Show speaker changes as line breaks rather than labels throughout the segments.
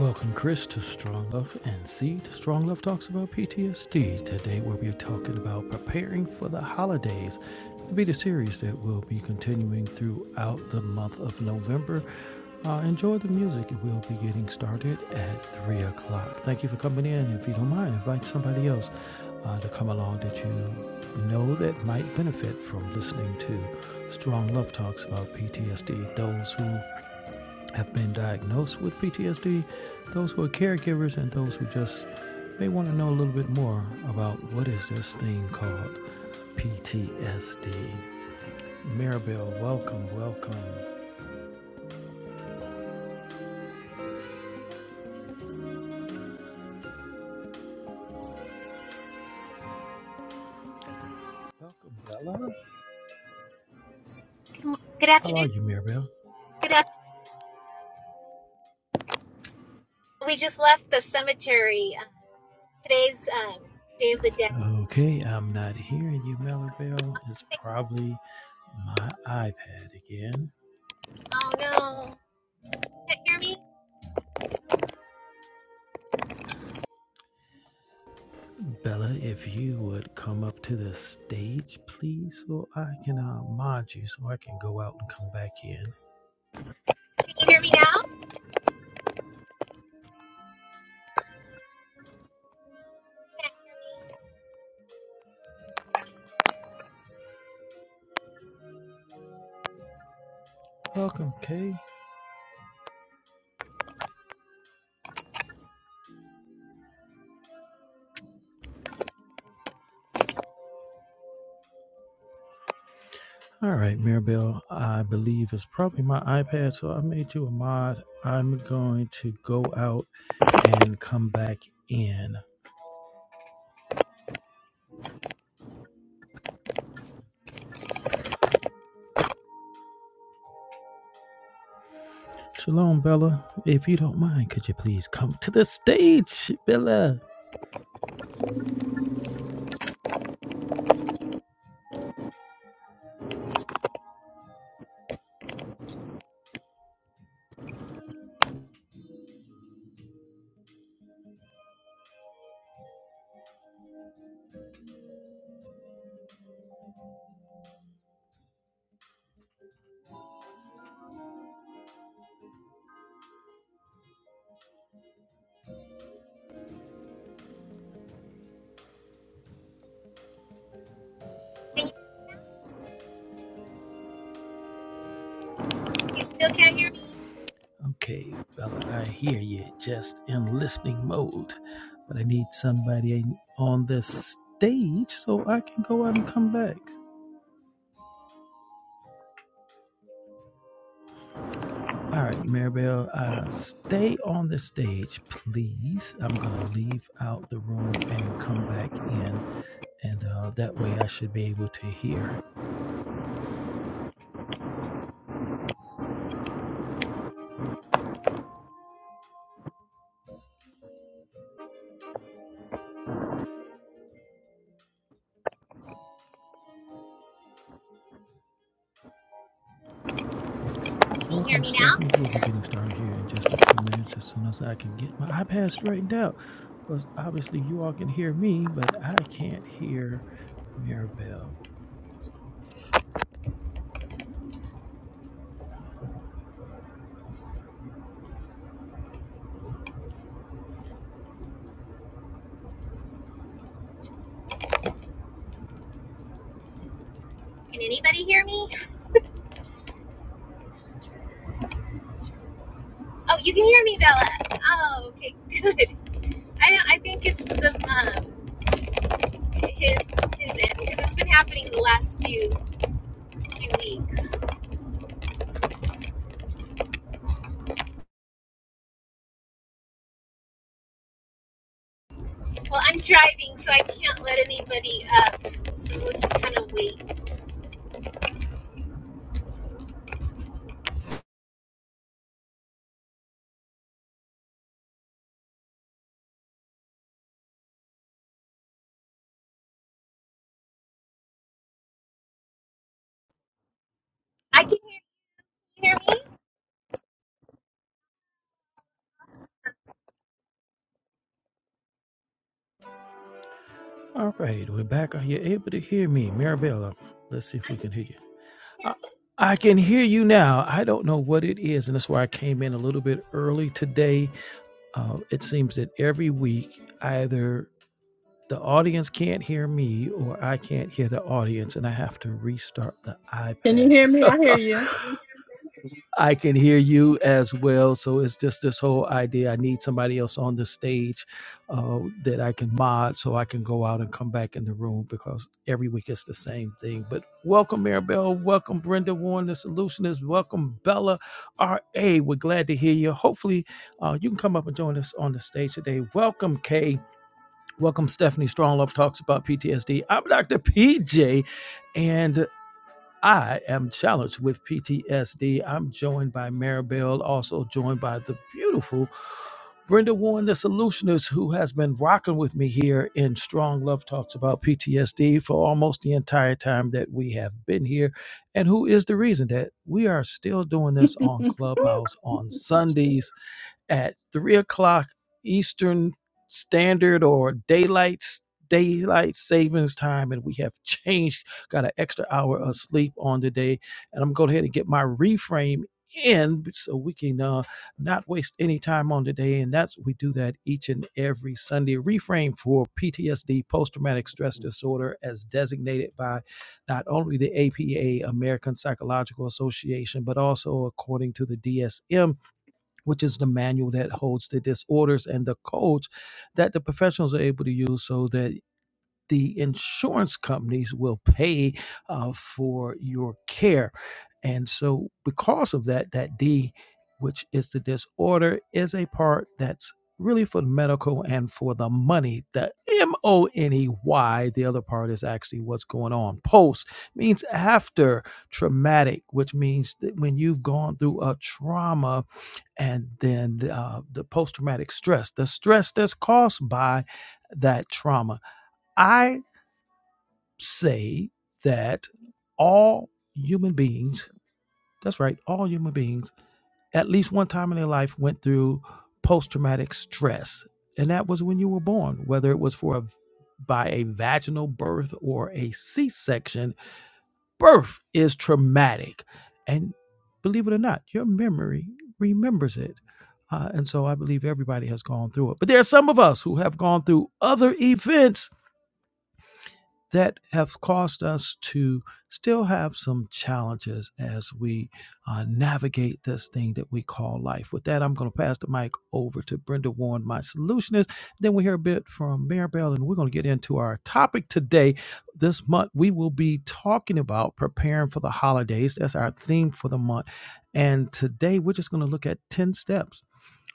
Welcome, Chris, to Strong Love and Seed. Strong Love talks about PTSD. Today, we'll be talking about preparing for the holidays. It'll be the series that we will be continuing throughout the month of November. Uh, enjoy the music. It will be getting started at 3 o'clock. Thank you for coming in. If you don't mind, invite somebody else uh, to come along that you know that might benefit from listening to Strong Love Talks about PTSD. Those who have been diagnosed with PTSD, those who are caregivers, and those who just may want to know a little bit more about what is this thing called PTSD. Maribel, welcome, welcome. Welcome, Bella.
Good
How are
afternoon.
you, Maribel?
Good afternoon. We just left the cemetery. Um, today's um, Day of the Dead.
Okay, I'm not hearing you, Maribel. It's probably my iPad again.
Oh no! Can't hear me?
Bella, if you would come up to the stage, please, so I can uh, mod you, so I can go out and come back in.
Can you hear me now? Can't hear me?
Welcome, Kay. All right, Mirabelle, I believe it's probably my iPad, so I made you a mod. I'm going to go out and come back in. Shalom, Bella. If you don't mind, could you please come to the stage, Bella?
Can you, you still can't hear me?
Okay, Bella, I hear you just in listening mode, but I need somebody on this stage so I can go out and come back. All right, Maribel, uh, stay on the stage, please. I'm going to leave out the room and come back in, and uh, that way I should be able to hear.
Can you hear
Welcome,
me now?
Stephanie. We'll be getting started here in just a few minutes as soon as I can get my iPad straightened out. Because obviously, you all can hear me, but I can't hear Maribel.
Can anybody hear me? Oh, you can hear me, Bella. Oh, okay, good. I don't, I think it's the um his his end because it's been happening the last few few weeks. Well, I'm driving, so I can't let anybody up. So we'll just kind of wait. I can hear. Can you hear me?
All right, we're back. Are you able to hear me? Maribel, uh, let's see if we can hear you. I I can hear you now. I don't know what it is, and that's why I came in a little bit early today. Uh, it seems that every week, either the audience can't hear me or I can't hear the audience, and I have to restart the
Can you
iPad.
hear me? I hear you.
I can hear you as well. So it's just this whole idea. I need somebody else on the stage uh, that I can mod so I can go out and come back in the room because every week it's the same thing. But welcome, Maribel. Welcome, Brenda Warren, the solutionist. Welcome, Bella R.A. We're glad to hear you. Hopefully, uh, you can come up and join us on the stage today. Welcome, Kay. Welcome, Stephanie Strong Love Talks about PTSD. I'm Dr. PJ, and I am challenged with PTSD. I'm joined by Maribel, also joined by the beautiful Brenda Warren, the solutionist, who has been rocking with me here in Strong Love Talks about PTSD for almost the entire time that we have been here, and who is the reason that we are still doing this on Clubhouse on Sundays at three o'clock Eastern Standard or daylight daylight savings time, and we have changed. Got an extra hour of sleep on today, and I'm going ahead and get my reframe in so we can uh, not waste any time on today. And that's we do that each and every Sunday. Reframe for PTSD, post traumatic stress disorder, as designated by not only the APA, American Psychological Association, but also according to the DSM which is the manual that holds the disorders and the codes that the professionals are able to use so that the insurance companies will pay uh, for your care. And so, because of that, that D, which is the disorder, is a part that's really for the medical and for the money. The M O N E Y, the other part is actually what's going on. Post means after traumatic, which means that when you've gone through a trauma, and then uh, the post traumatic stress, the stress that's caused by that trauma. I say that all human beings, that's right, all human beings, at least one time in their life went through post traumatic stress. And that was when you were born, whether it was for a by a vaginal birth or a C section, birth is traumatic. And believe it or not, your memory remembers it. Uh, and so I believe everybody has gone through it. But there are some of us who have gone through other events that have caused us to still have some challenges as we uh, navigate this thing that we call life. With that, I'm going to pass the mic over to Brenda Warren, my solutionist. Then we hear a bit from Maribel, and we're going to get into our topic today. This month, we will be talking about preparing for the holidays. That's our theme for the month. And today, we're just going to look at 10 steps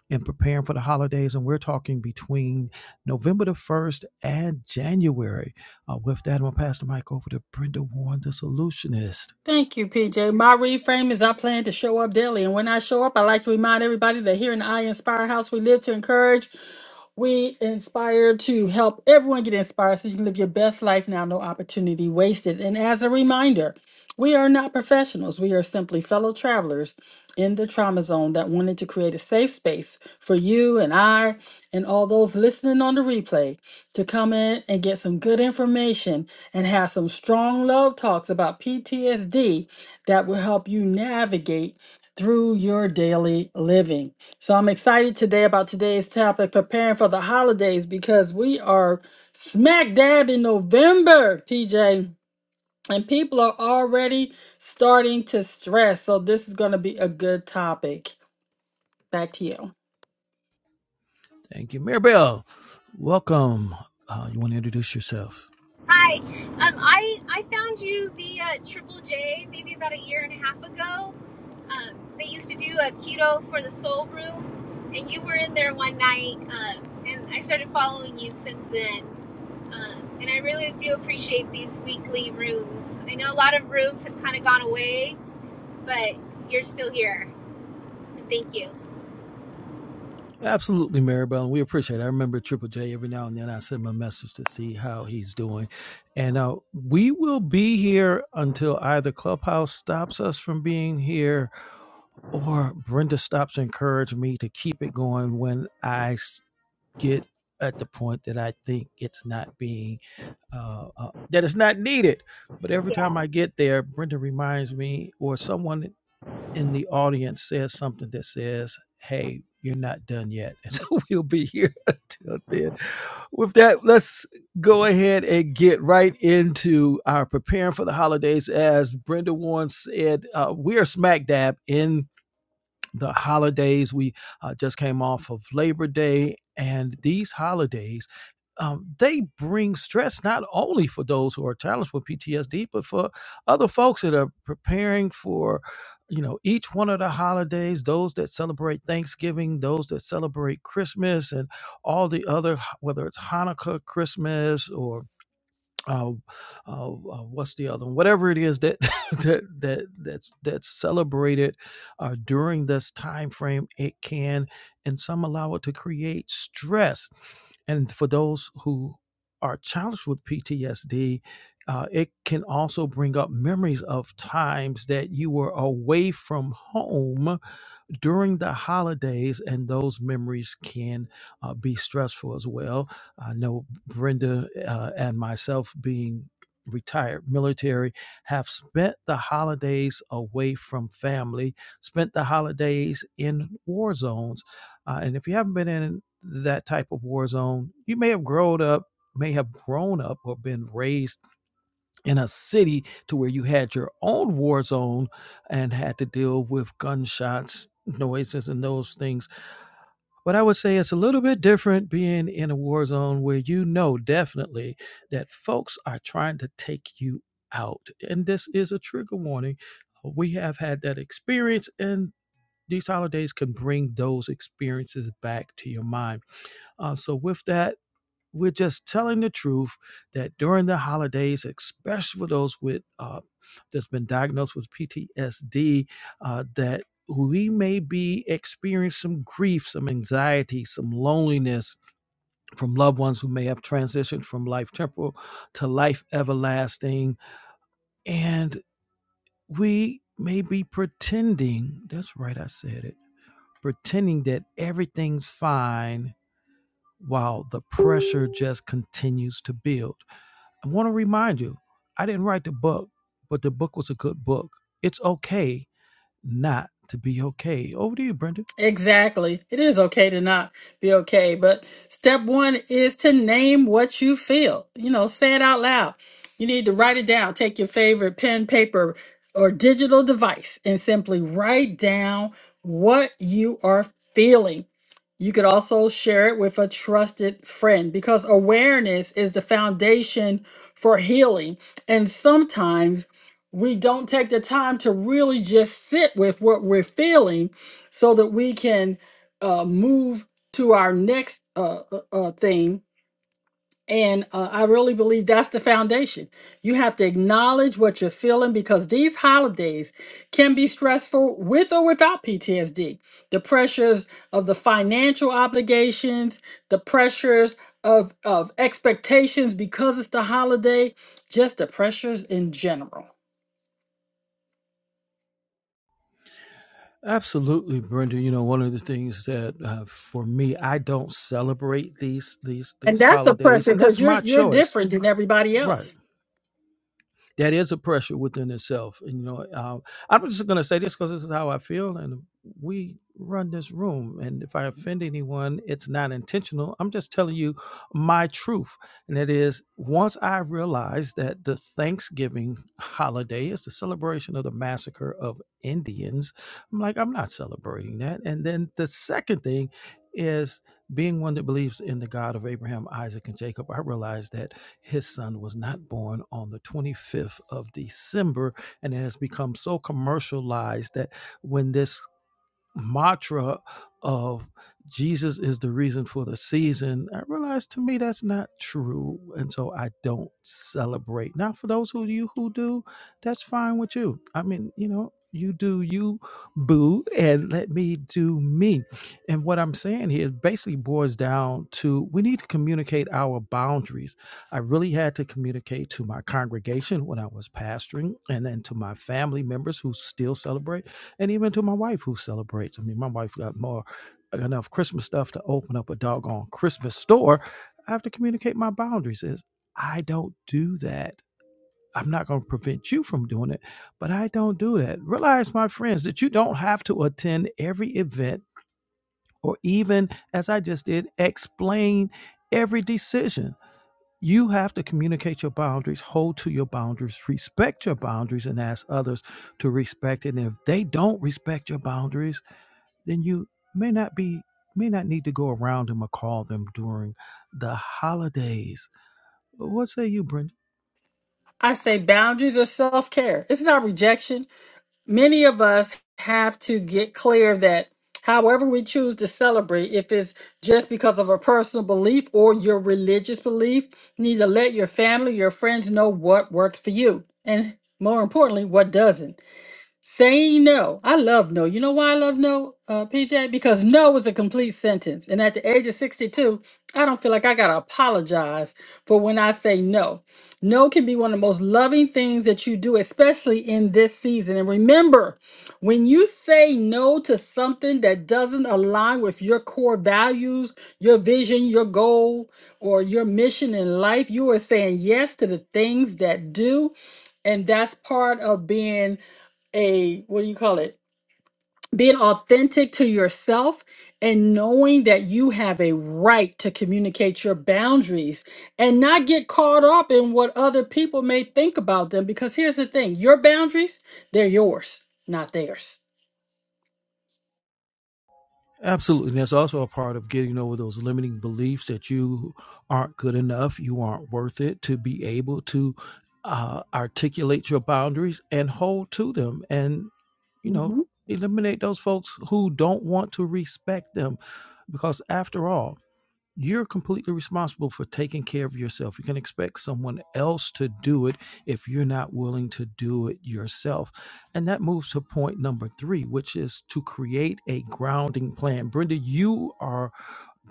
and preparing for the holidays. And we're talking between November the 1st and January. Uh, with that, I'm going to pass the mic over to Brenda Warren, the solutionist.
Thank you, PJ. My reframe is I plan to show up daily. And when I show up, I like to remind everybody that here in the I Inspire House, we live to encourage, we inspire to help everyone get inspired so you can live your best life now, no opportunity wasted. And as a reminder, we are not professionals. We are simply fellow travelers in the trauma zone that wanted to create a safe space for you and I and all those listening on the replay to come in and get some good information and have some strong love talks about PTSD that will help you navigate through your daily living. So I'm excited today about today's topic preparing for the holidays because we are smack dab in November, PJ. And people are already starting to stress. So, this is going to be a good topic. Back to you.
Thank you, Maribel. Welcome. Uh, you want to introduce yourself?
Hi. Um, I I found you via Triple J maybe about a year and a half ago. Um, they used to do a keto for the soul room, and you were in there one night, um, and I started following you since then. Um, and I really do appreciate these weekly rooms. I know a lot of rooms have kind of gone away, but you're still here. Thank you.
Absolutely, Maribel. And we appreciate it. I remember Triple J every now and then. I send him a message to see how he's doing. And uh, we will be here until either Clubhouse stops us from being here or Brenda stops to encourage me to keep it going when I get at the point that I think it's not being uh, uh, that it's not needed. But every
Yeah.
time I get there, Brenda reminds me, or someone in the audience says something that says, "Hey, you're not done yet," and so we'll be here until then. With that, let's go ahead and get right into our preparing for the holidays. As Brenda Warren said, uh, we are smack dab in the holidays. We uh, just came off of Labor Day, and these holidays. Um, they bring stress not only for those who are challenged with PTSD, but for other folks that are preparing for, you know, each one of the holidays. Those that celebrate Thanksgiving, those that celebrate Christmas, and all the other, whether it's Hanukkah, Christmas, or uh, uh, uh, what's the other one? Whatever it is that that that that's that's celebrated uh, during this time frame, it can, and some allow it to create stress. And for those who are challenged with PTSD, uh, it can also bring up memories of times that you were away from home during the holidays, and those memories can uh, be stressful as well. I know Brenda uh, and myself, being retired military, have spent the holidays away from family, spent the holidays in war zones. Uh, and if you haven't been in that type of war zone, you may have grown up. May have grown up or been raised in a city to where you had your own war zone and had to deal with gunshots, noises, and those things. But I would say it's a little bit different being in a war zone where you know definitely that folks are trying to take you out. And this is a trigger warning. We have had that experience and these holidays can bring those experiences back to your mind. Uh, so, with that, we're just telling the truth that during the holidays, especially for those with uh, that's been diagnosed with PTSD, uh, that we may be experiencing some grief, some anxiety, some loneliness from loved ones who may have transitioned from life temporal to life everlasting, and we may be pretending. That's right, I said it. Pretending that everything's fine while the pressure just continues to build. I want to remind you, I didn't write the book, but the book was a good book. It's okay not to be okay. Over to you, Brenda.
Exactly. It is okay to not be okay, but step one is to name what you feel. You know, say it out loud. You need to write it down. Take your favorite pen, paper, or digital device and simply write down what you are feeling. You could also share it with a trusted friend because awareness is the foundation for healing. And sometimes we don't take the time to really just sit with what we're feeling so that we can uh, move to our next uh, uh, uh, thing. And uh, I really believe that's the foundation. You have to acknowledge what you're feeling because these holidays can be stressful with or without PTSD. The pressures of the financial obligations, the pressures of, of expectations because it's the holiday, just the pressures in general.
Absolutely, Brenda. You know, one of the things that uh, for me, I don't celebrate these these
And
these
that's a
holidays,
pressure
and
because
that's
you're
my
you're
choice.
different than everybody
Right.
else
that is a pressure within itself. And, you know, uh, I'm just going to say this because this is how I feel, and we run this room. And if I offend anyone, it's not intentional. I'm just telling you my truth, and it is once I realized that the Thanksgiving holiday is the celebration of the massacre of Indians, I'm like, I'm not celebrating that. And then the second thing is being one that believes in the God of Abraham, Isaac, and Jacob. I realized that his son was not born on the 25th of December. And it has become so commercialized that when this mantra of Jesus is the reason for the season, I realized to me that's not true. And so I don't celebrate. Now, for those of you who do, that's fine with you. I mean, you know, you do you, boo, and let me do me. And what I'm saying here basically boils down to we need to communicate our boundaries. I really had to communicate to my congregation when I was pastoring and then to my family members who still celebrate and even to my wife who celebrates. I mean, my wife got more enough Christmas stuff to open up a doggone Christmas store. I have to communicate my boundaries. Is I don't do that. I'm not going to prevent you from doing it, but I don't do that. Realize, my friends, that you don't have to attend every event or even, as I just did, explain every decision. You have to communicate your boundaries, hold to your boundaries, respect your boundaries, and ask others to respect it. And if they don't respect your boundaries, then you may not be may not need to go around them or call them during the holidays. What say you, Brenda?
I say boundaries are self care. It's not rejection. Many of us have to get clear that however we choose to celebrate, if it's just because of a personal belief or your religious belief, you need to let your family, your friends know what works for you. And more importantly, what doesn't. Saying no. I love no. You know why I love no, uh, PJ? Because no is a complete sentence. And at the age of 62, I don't feel like I got to apologize for when I say no. No can be one of the most loving things that you do, especially in this season. And remember, when you say no to something that doesn't align with your core values, your vision, your goal, or your mission in life, you are saying yes to the things that do. And that's part of being a what do you call it being authentic to yourself and knowing that you have a right to communicate your boundaries and not get caught up in what other people may think about them because here's the thing your boundaries they're yours not theirs
Absolutely. And that's also a part of getting over those limiting beliefs that you aren't good enough, you aren't worth it to be able to uh, articulate your boundaries and hold to them and, you know, eliminate those folks who don't want to respect them. Because after all, You're completely responsible for taking care of yourself. You can expect someone else to do it if you're not willing to do it yourself. And that moves to point number three, which is to create a grounding plan. Brenda, you are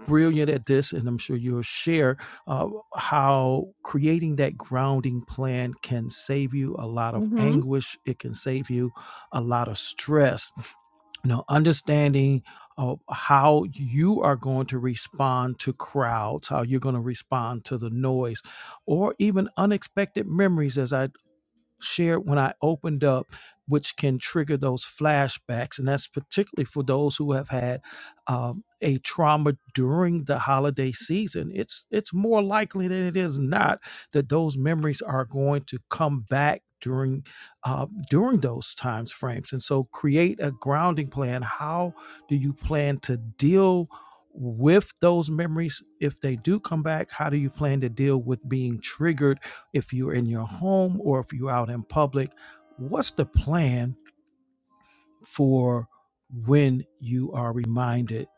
brilliant at this, and I'm sure you'll share uh, how creating that grounding plan can save you a lot of
Mm-hmm.
anguish. It can save you a lot of stress now understanding uh, how you are going to respond to crowds how you're going to respond to the noise or even unexpected memories as i shared when I opened up, which can trigger those flashbacks. And that's particularly for those who have had um, a trauma during the holiday season. It's, it's more likely than it is not that those memories are going to come back. During uh, during those times frames, and so create a grounding plan. How do you plan to deal with those memories if they do come back? How do you plan to deal with being triggered if you're in your home or if you're out in public, what's the plan for when you are reminded?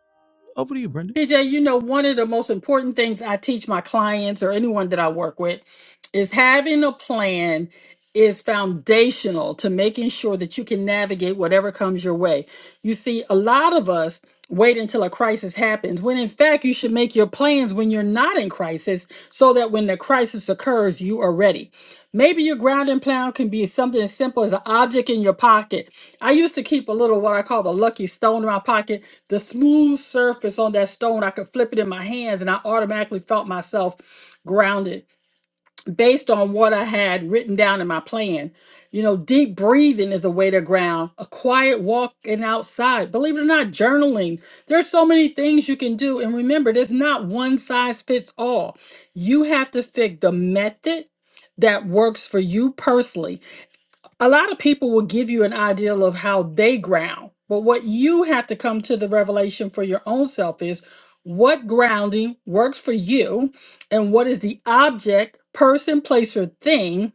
Over to you, Brendan.
PJ, you know, one of the most important things I teach my clients or anyone that I work with is having a plan is foundational to making sure that you can navigate whatever comes your way. You see, a lot of us wait until a crisis happens when in fact you should make your plans when you're not in crisis so that when the crisis occurs you are ready. Maybe your grounding plan can be something as simple as an object in your pocket. I used to keep a little what I call the lucky stone in my pocket the smooth surface on that stone, I could flip it in my hands and I automatically felt myself grounded based on what I had written down in my plan. You know, deep breathing is a way to ground, a quiet walk and outside. Believe it or not, journaling. There's so many things you can do. And remember, there's not one size fits all. You have to pick the method that works for you personally a lot of people will give you an ideal of how they ground, but what you have to come to the revelation for your own self is what grounding works for you and what is the object, person, place, or thing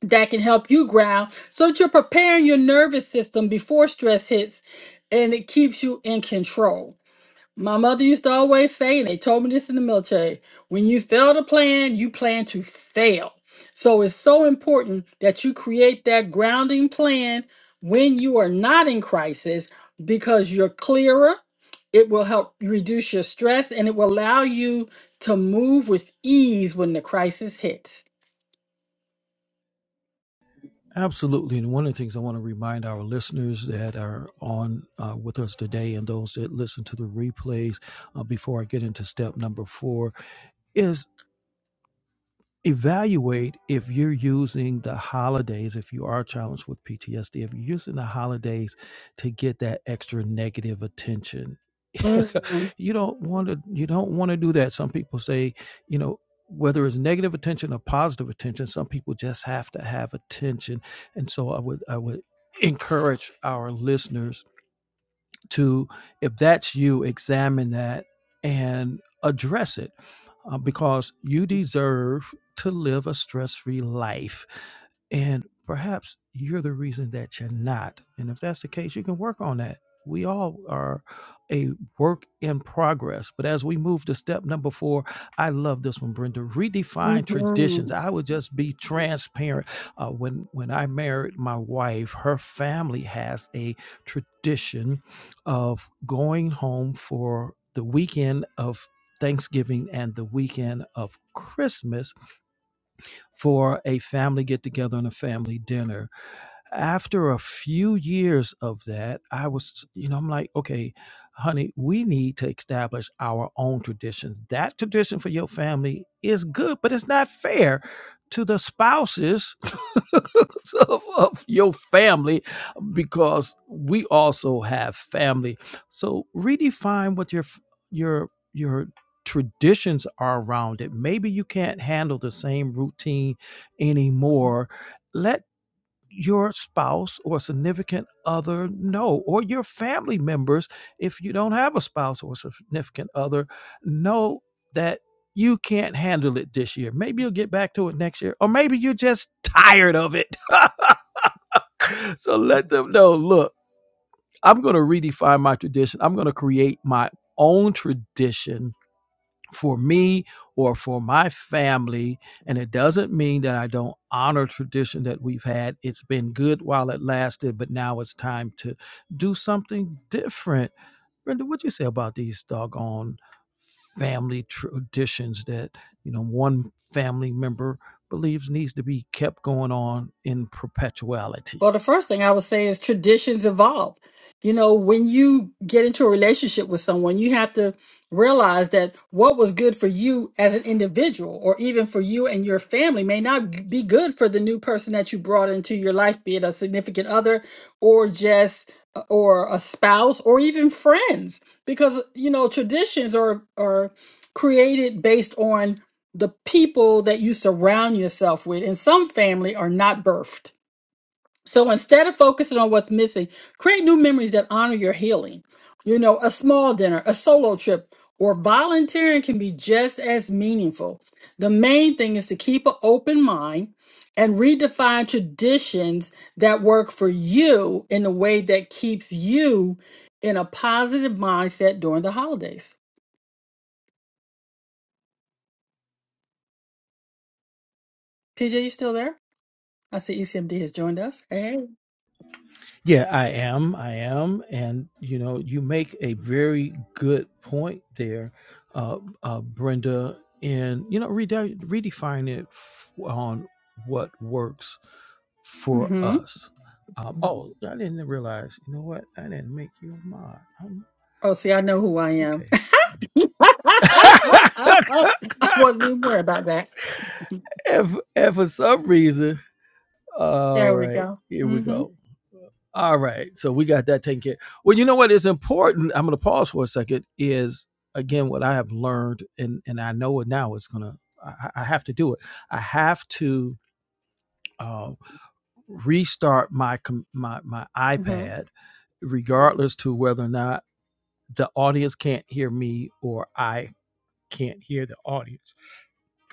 that can help you ground so that you're preparing your nervous system before stress hits and it keeps you in control. My mother used to always say, and they told me this in the military when you fail to plan, you plan to fail. So it's so important that you create that grounding plan when you are not in crisis because you're clearer. It will help reduce your stress and it will allow you to move with ease when the crisis hits.
Absolutely. And one of the things I want to remind our listeners that are on uh, with us today and those that listen to the replays uh, before I get into step number four is evaluate if you're using the holidays, if you are challenged with PTSD, if you're using the holidays to get that extra negative attention
Mm,
you don't want to you don't want to do that some people say you know whether it's negative attention or positive attention some people just have to have attention and so i would i would encourage our listeners to if that's you examine that and address it uh, because you deserve to live a stress-free life and perhaps you're the reason that you're not and if that's the case you can work on that we all are a work in progress but as we move to step number four i love this one brenda redefine
Mhm,
traditions i would just be transparent uh, when when i married my wife her family has a tradition of going home for the weekend of Thanksgiving and the weekend of Christmas for a family get together and a family dinner. After a few years of that, I was, you know, I'm like, okay, honey, we need to establish our own traditions. That tradition for your family is good, but it's not fair to the spouses of, of your family because we also have family. So redefine what your your your traditions are around it. Maybe you can't handle the same routine anymore. Let your spouse or significant other know, or your family members, if you don't have a spouse or significant other, know that you can't handle it this year. Maybe you'll get back to it next year, or maybe you're just tired of it. so let them know look, I'm going to redefine my tradition, I'm going to create my own tradition for me or for my family. And it doesn't mean that I don't honor tradition that we've had. It's been good while it lasted, but now it's time to do something different. Brenda, what'd you say about these doggone family traditions that, you know, one family member believes needs to be kept going on in perpetuality.
Well, the first thing I would say is traditions evolve. You know, when you get into a relationship with someone, you have to realize that what was good for you as an individual or even for you and your family may not be good for the new person that you brought into your life, be it a significant other or just uh, or a spouse or even friends because you know traditions are are created based on the people that you surround yourself with and some family are not birthed so instead of focusing on what's missing, create new memories that honor your healing. You know, a small dinner, a solo trip, or volunteering can be just as meaningful. The main thing is to keep an open mind and redefine traditions that work for you in a way that keeps you in a positive mindset during the holidays. TJ, you still there? I see ECMD has joined us. Hey.
Yeah, I am. I am. And, you know, you make a very good point there, uh, uh, Brenda, in, you know, rede- redefining it f- on what works for
Mm-hmm.
us. Um, oh, I didn't realize. You know what? I didn't make you a mod. Um,
Oh, see, I know who I am.
okay.
I wasn't even worried about that.
if, if for some reason, all
There we
right,
go.
here we
Mm-hmm.
go. All right, so we got that taken care. Well, you know what is important. I'm going to pause for a second. Is again what I have learned, and and I know it now. It's gonna. I, I have to do it. I have to uh, restart my com- my my
Mm-hmm.
iPad regardless to whether or not the audience can't hear me or I can't hear the audience.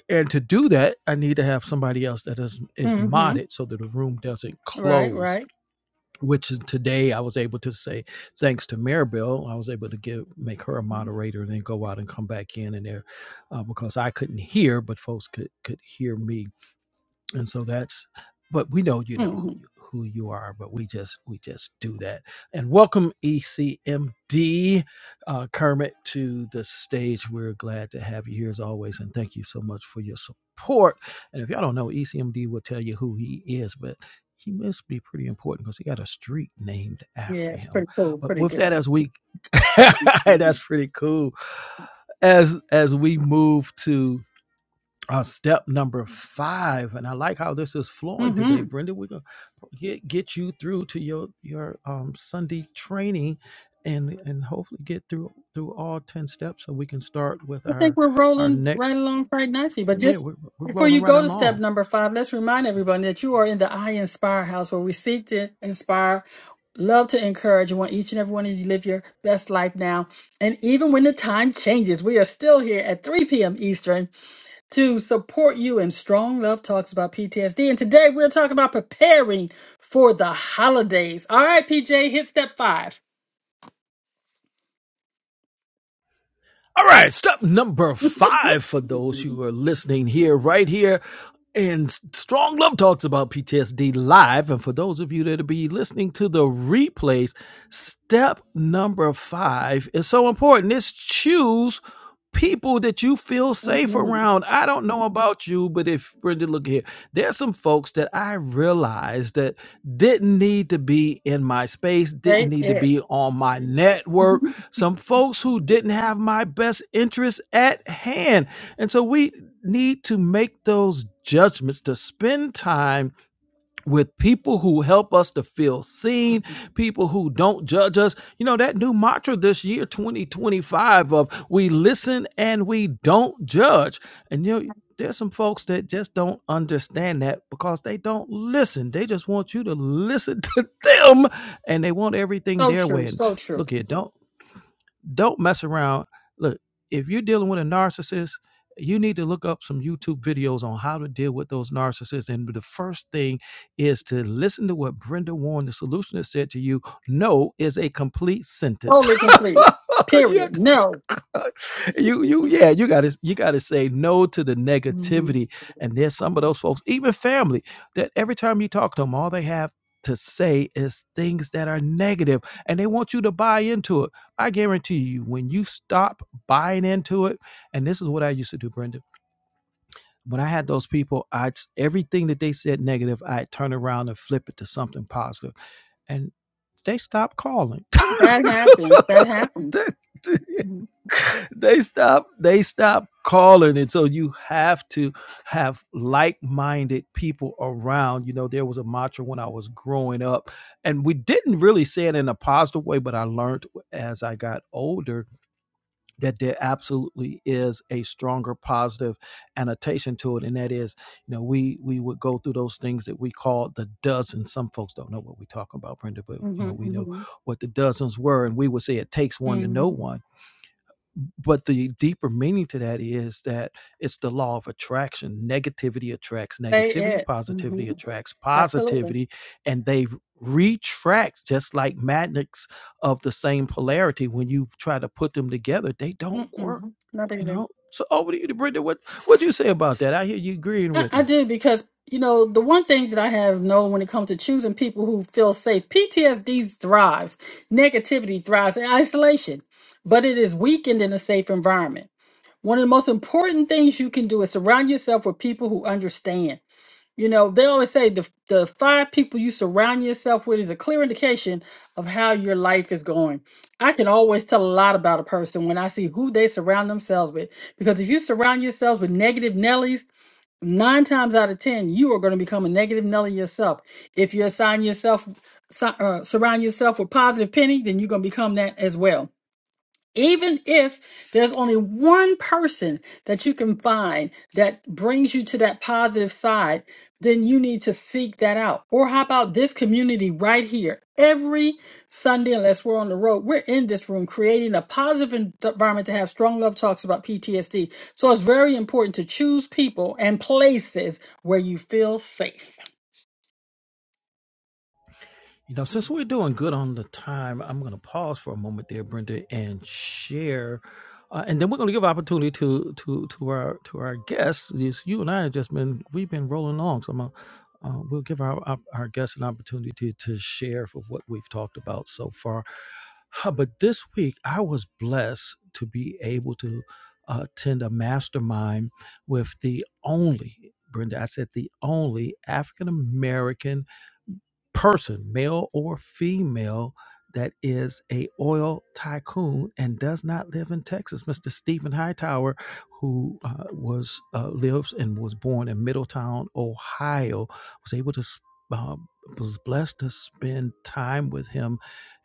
And to do that, I need to have somebody else that is is
Mm-hmm.
modded so that the room doesn't
Right,
close.
right.
Which is today I was able to say thanks to Maribel, I was able to give make her a
Mm-hmm.
moderator and then go out and come back in and there uh, because I couldn't hear, but folks could could hear me and so that's but we know you know
mm-hmm.
who you who you are but we just we just do that and welcome ecmd uh, kermit to the stage we're glad to have you here as always and thank you so much for your support and if y'all don't know ecmd will tell you who he is but he must be pretty important because he got a street named
Yeah,
after
it's
him
pretty cool,
but
pretty
with that
good.
as we that's pretty cool as as we move to uh, step number
Mm-hmm.
five, and I like how this is flowing today,
I
Brenda. We're gonna get get you through to your your um, Sunday training, and and hopefully get through through all ten steps, so we can start with
think
our
we're
our
rolling right
next.
along quite nicely. But
Yeah,
just
we're we're
before
rolling
you
right
go to step
along.
number five, let's remind everyone that you are in the I Inspire house where we seek to inspire, love to encourage, and want each and every one of you to live your best life now. And even when the time changes, we are still here at 3 p.m. Eastern. to support you in Strong Love Talks about PTSD. And today we're talking about preparing for the holidays. All right, PJ, hit step 5
All right, step number five for those who are listening here, right here and Strong Love talks about PTSD live. And for those of you that will be listening to the replays, step number five is so important. It's choose people that you feel safe
hmm
around. I don't know about you, but if Brenda, look here, there's some folks that I realized that didn't need to be in my space, didn't
Say
need to be
it.
on my network.
Mhm.
Some folks who didn't have my best interest at hand. And so we need to make those judgments to spend time with people who help us to feel seen, people who don't judge us. You know, that new mantra this year, 2025, of we listen and we don't judge. And you know, there's some folks that just don't understand that because they don't listen. They just want you to listen to them and they want everything
So
their way.
true.
And
So true.
look here, don't don't mess around. Look, if you're dealing with a narcissist, you need to look up some YouTube videos on how to deal with those narcissists. And the first thing is to listen to what Brenda Warren, the solutionist, said to you. No is a complete sentence.
Totally complete.
You have
Period. No.
you you yeah you gotta you gotta say no to the
Mhm.
negativity and there's some of those folks even family that every time you talk to them all they have to say is things that are negative and they want you to buy into it i guarantee you when you stop buying into it and this is what i used to do brenda when i had those people i everything that they said negative i'd turn around and flip it to something positive and they stopped calling
That happens. That happens. hmm
they stop they stop calling and so you have to have like-minded people around you know there was a mantra when i was growing up and we didn't really say it in a positive way but i learned as i got older that there absolutely is a stronger positive annotation to it and that is you know we we would go through those things that we call the dozens some folks don't know what we're talking about brenda but you
hmm
know we know
hmm
what the dozens were and we would say it takes one to know
hmm
one but the deeper meaning to that is that it's the law of attraction. Negativity attracts
Say
negativity,
it. hmm
positivity attracts
Absolutely.
positivity, and they retract just like magnets of the same polarity. When you try to put them together, they don't work,
Mm-mm. Not
you
even.
know. So over to you, Brenda. What what do you say about that? I hear you agreeing
I,
with me.
I do because you know the one thing that I have known when it comes to choosing people who feel safe, PTSD thrives, negativity thrives in isolation, but it is weakened in a safe environment. One of the most important things you can do is surround yourself with people who understand. You know, they always say the the five people you surround yourself with is a clear indication of how your life is going. I can always tell a lot about a person when I see who they surround themselves with. Because if you surround yourselves with negative Nellies, nine times out of ten you are going to become a negative nelly yourself if you assign yourself si- uh, surround yourself with positive penny then you're going to become that as well even if there's only one person that you can find that brings you to that positive side, then you need to seek that out. Or how about this community right here? Every Sunday, unless we're on the road, we're in this room creating a positive en- environment to have strong love talks about PTSD. So it's very important to choose people and places where you feel safe.
You know, since we're doing good on the time, I'm going to pause for a moment there, Brenda, and share, uh, and then we're going to give opportunity to to to our to our guests. Yes, you and I have just been we've been rolling on, so I'm gonna, uh, we'll give our, our our guests an opportunity to, to share for what we've talked about so far. Uh, But this week, I was blessed to be able to uh, attend a mastermind with the only Brenda. I said the only African American person, male or female, that is a oil tycoon and does not live in Texas. Mr. Stephen Hightower, who uh, was uh, lives and was born in Middletown, Ohio, was able to. s- Uh, was blessed to spend time with him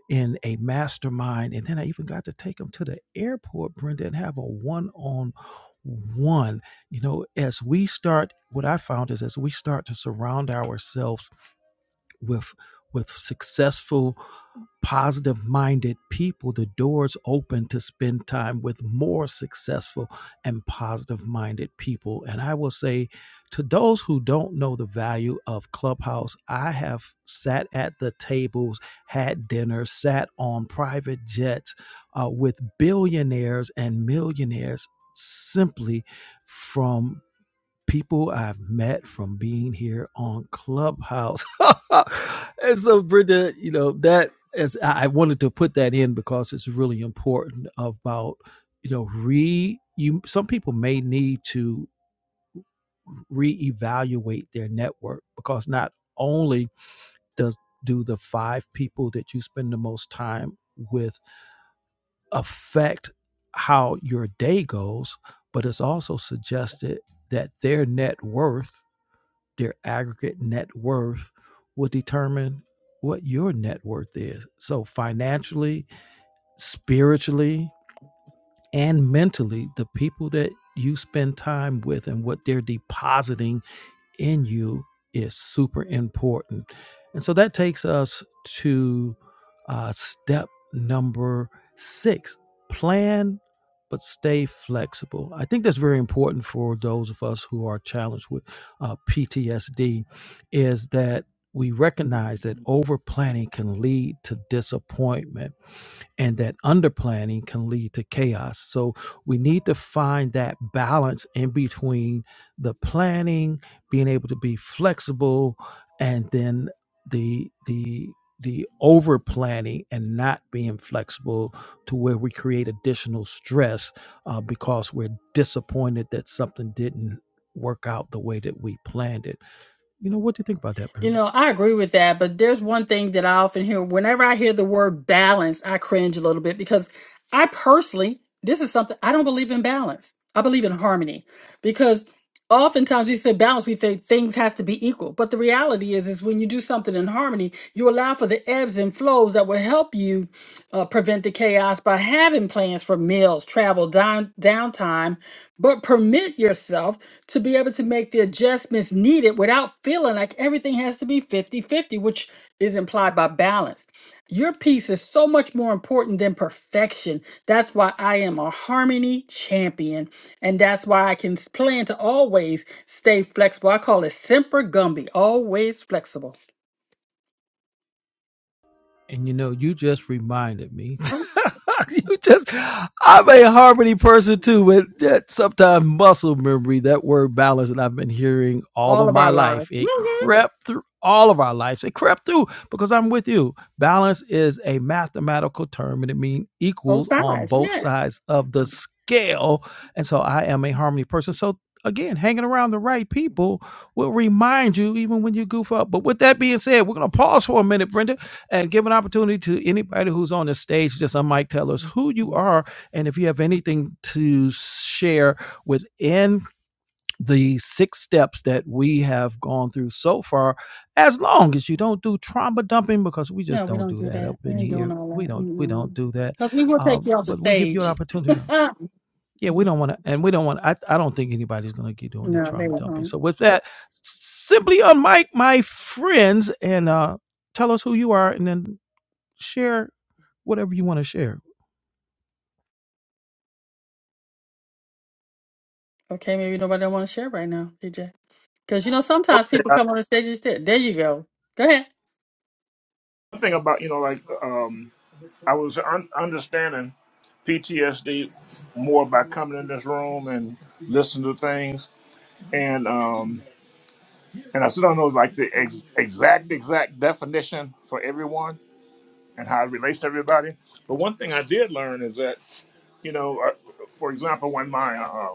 in a mastermind, and then I even got to take him to the airport, Brenda, and have a one-on-one. You know, as we start, what I found is as we start to surround ourselves with with successful positive minded people, the doors open to spend time with more successful and positive minded people. And I will say to those who don't know the value of Clubhouse, I have sat at the tables, had dinner, sat on private jets uh, with billionaires and millionaires simply from people I've met from being here on Clubhouse. and so, Brenda, you know, that is, I I wanted to put that in because it's really important about, you know, re, you, some people may need to reevaluate their network because not only does, do the five people that you spend the most time with affect how your day goes, but it's also suggested that their net worth their aggregate net worth will determine what your net worth is. So, financially, spiritually, and mentally, the people that you spend time with and what they're depositing in you is super important. And so that takes us to uh, step number six plan, but stay flexible. I think that's very important for those of us who are challenged with uh, PTSD, is that we recognize that over planning can lead to disappointment and that underplanning can lead to chaos. So we need to find that balance in between the planning, being able to be flexible, and then the the the over planning and not being flexible to where we create additional stress uh, because we're disappointed that something didn't work out the way that we planned it. You know, what do you think about that,
You
Brenda?
know, I agree with that, but there's one thing that I often hear whenever I hear the word balance, I cringe a little bit because I personally, this is something I don't believe in balance. I believe in harmony because oftentimes we say balance, we think things has to be equal. But the reality is, is when you do something in harmony, you allow for the ebbs and flows that will help you uh, prevent the chaos by having plans for meals, travel, down, downtime, but permit yourself to be able to make the adjustments needed without feeling like everything has to be fifty-fifty, which is implied by balance. Your piece is so much more important than perfection. That's why I am a harmony champion. And that's why I can s- plan to always stay flexible. I call it Semper Gumby, always flexible.
And you know, you just reminded me.
Mm,
you just, I'm a harmony person too, but that sometimes muscle memory, that word balance that I've been hearing all
All
of
of
my
our
life,
lives.
it
Mm-hmm.
crept through all of our lives. It crept through because I'm with you. Balance is a mathematical term and it means
Both
equals on
sides.
both
Yeah.
sides of the scale. And so I am a harmony person. So again, hanging around the right people will remind you even when you goof up. But with that being said, we're going to pause for a minute, Brenda and give an opportunity to anybody who's on the stage to just on mic tell us who you are and if you have anything to share within the six steps that we have gone through so far as long as you don't do trauma dumping because we just
No, we
don't
don't
do
do
that
that.
up
We
in
ain't
here
doing all
we don't we don't
that.
do that
Because we will
uh,
take you off the
but we give you an
stage.
opportunity to yeah, we don't want to, and we don't want. I, I don't think anybody's going to do any
No, they
trauma
were
dumping.
home.
So with that, simply unmic my friends, and uh, tell us who you are, and then share whatever you want to share.
Okay, maybe nobody want to share right now, DJ. Because you know sometimes
Okay,
people
I,
come on the stage and say, "There you go, go ahead."
one thing about you know, like um, I was un- understanding PTSD more by coming in this room and listening to things, and um, and I still don't know like the ex- exact exact definition for everyone and how it relates to everybody. But one thing I did learn is that you know, uh, for example, when my uh,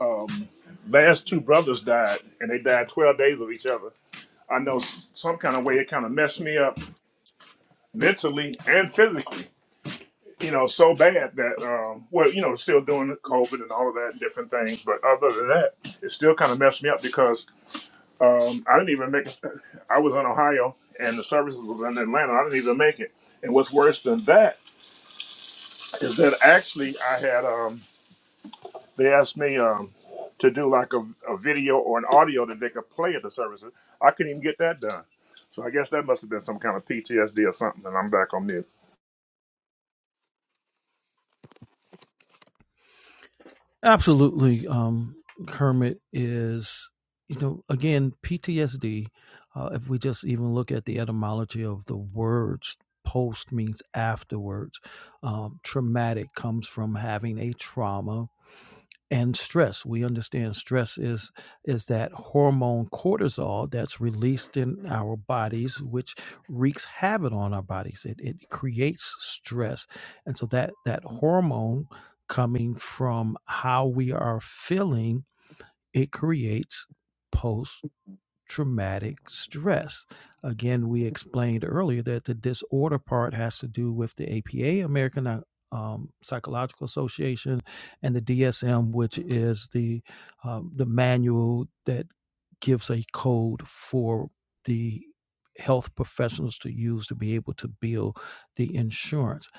um, last two brothers died, and they died twelve days of each other, I know s- some kind of way it kind of messed me up mentally and physically you know, so bad that um, well, you know, still doing COVID and all of that and different things. But other than that, it still kind of messed me up because um, I didn't even make. it- I was in Ohio and the services was in Atlanta. I didn't even make it. And what's worse than that is that actually I had um, they asked me um, to do like a, a video or an audio that they could play at the services. I couldn't even get that done. So I guess that must have been some kind of PTSD or something, and I'm back on mute.
Absolutely. Um, Kermit is, you know, again, PTSD. Uh, if we just even look at the etymology of the words, post means afterwards. Um, traumatic comes from having a trauma and stress we understand stress is is that hormone cortisol that's released in our bodies which wreaks havoc on our bodies it, it creates stress and so that that hormone coming from how we are feeling it creates post traumatic stress. Again, we explained earlier that the disorder part has to do with the APA, American uh, um, Psychological Association, and the DSM, which is the um, the manual that gives a code for the health professionals to use to be able to bill the insurance.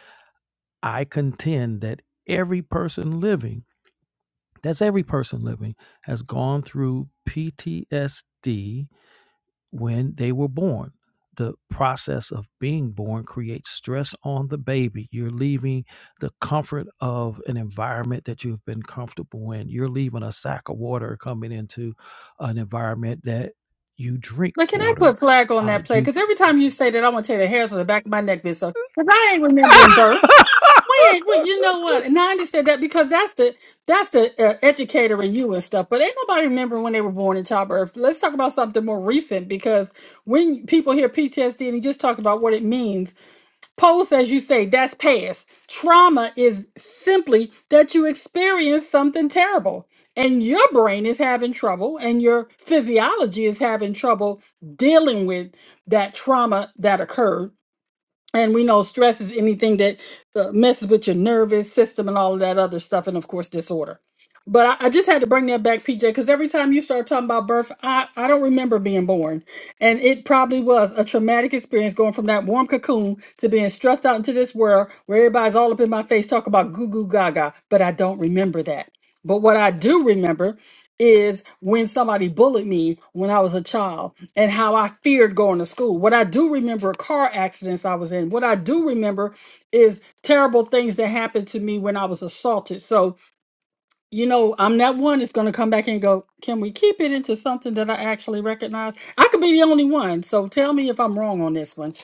I contend that every person living, that's every person living, has gone through PTSD when they were born. The process of being born creates stress on the baby. You're leaving the comfort of an environment that you've been comfortable in. You're leaving a sack of water coming into an environment that you drink
But can I
water.
put flag on
Uh,
that play?
you
Because every time you say that, I'm gonna tell you the hairs on the back of my neck, bitch. So because I ain't remembering birth. When, when you know what? And I understand that because that's the that's the uh, educator in you and stuff. But ain't nobody remembering when they were born in childbirth. Let's talk about something more recent because when people hear PTSD and you just talk about what it means, post as you say, that's past. Trauma is simply that you experience something terrible. And your brain is having trouble, and your physiology is having trouble dealing with that trauma that occurred and we know stress is anything that uh, messes with your nervous system and all of that other stuff, and of course, disorder. But I, I just had to bring that back, PJ, because every time you start talking about birth, I, I don't remember being born. And it probably was a traumatic experience going from that warm cocoon to being stressed out into this world where everybody's all up in my face talking about goo goo gaga. But I don't remember that. But what I do remember is when somebody bullied me when I was a child and how I feared going to school. What I do remember are car accidents I was in. What I do remember is terrible things that happened to me when I was assaulted. So, you know, I'm that one that's going to come back and go, can we keep it into something that I actually recognize? I could be the only one. So tell me if I'm wrong on this one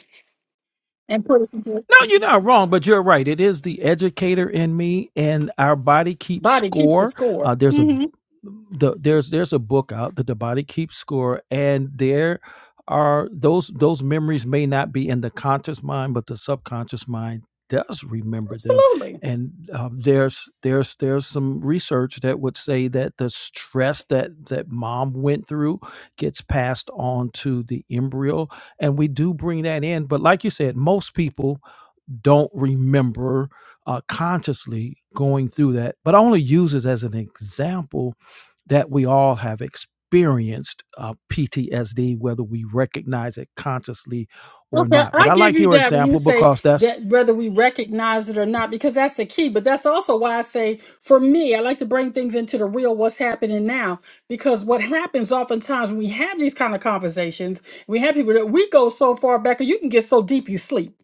and put it into
No, you're not wrong, but you're right. It is the educator in me, and our body keeps
body keeps the
score.
score.
Uh, there's a
Mhm,
the, there's there's a book out that the body keeps score, and there are those those memories may not be in the conscious mind, but the subconscious mind does remember them.
absolutely.
And um, there's there's there's some research that would say that the stress that that mom went through gets passed on to the embryo, and we do bring that in. But like you said, most people don't remember uh, consciously going through that, but I only use it as an example that we all have experienced uh, PTSD, whether we recognize it consciously or
Okay,
not. But
I
I
give
like
you
your
that. when You
example
say
because that's
that whether we recognize it or not, because that's the key. But that's also why I say, for me, I like to bring things into the real, what's happening now. Because what happens oftentimes when we have these kind of conversations, we have people that we go so far back, or you can get so deep you sleep.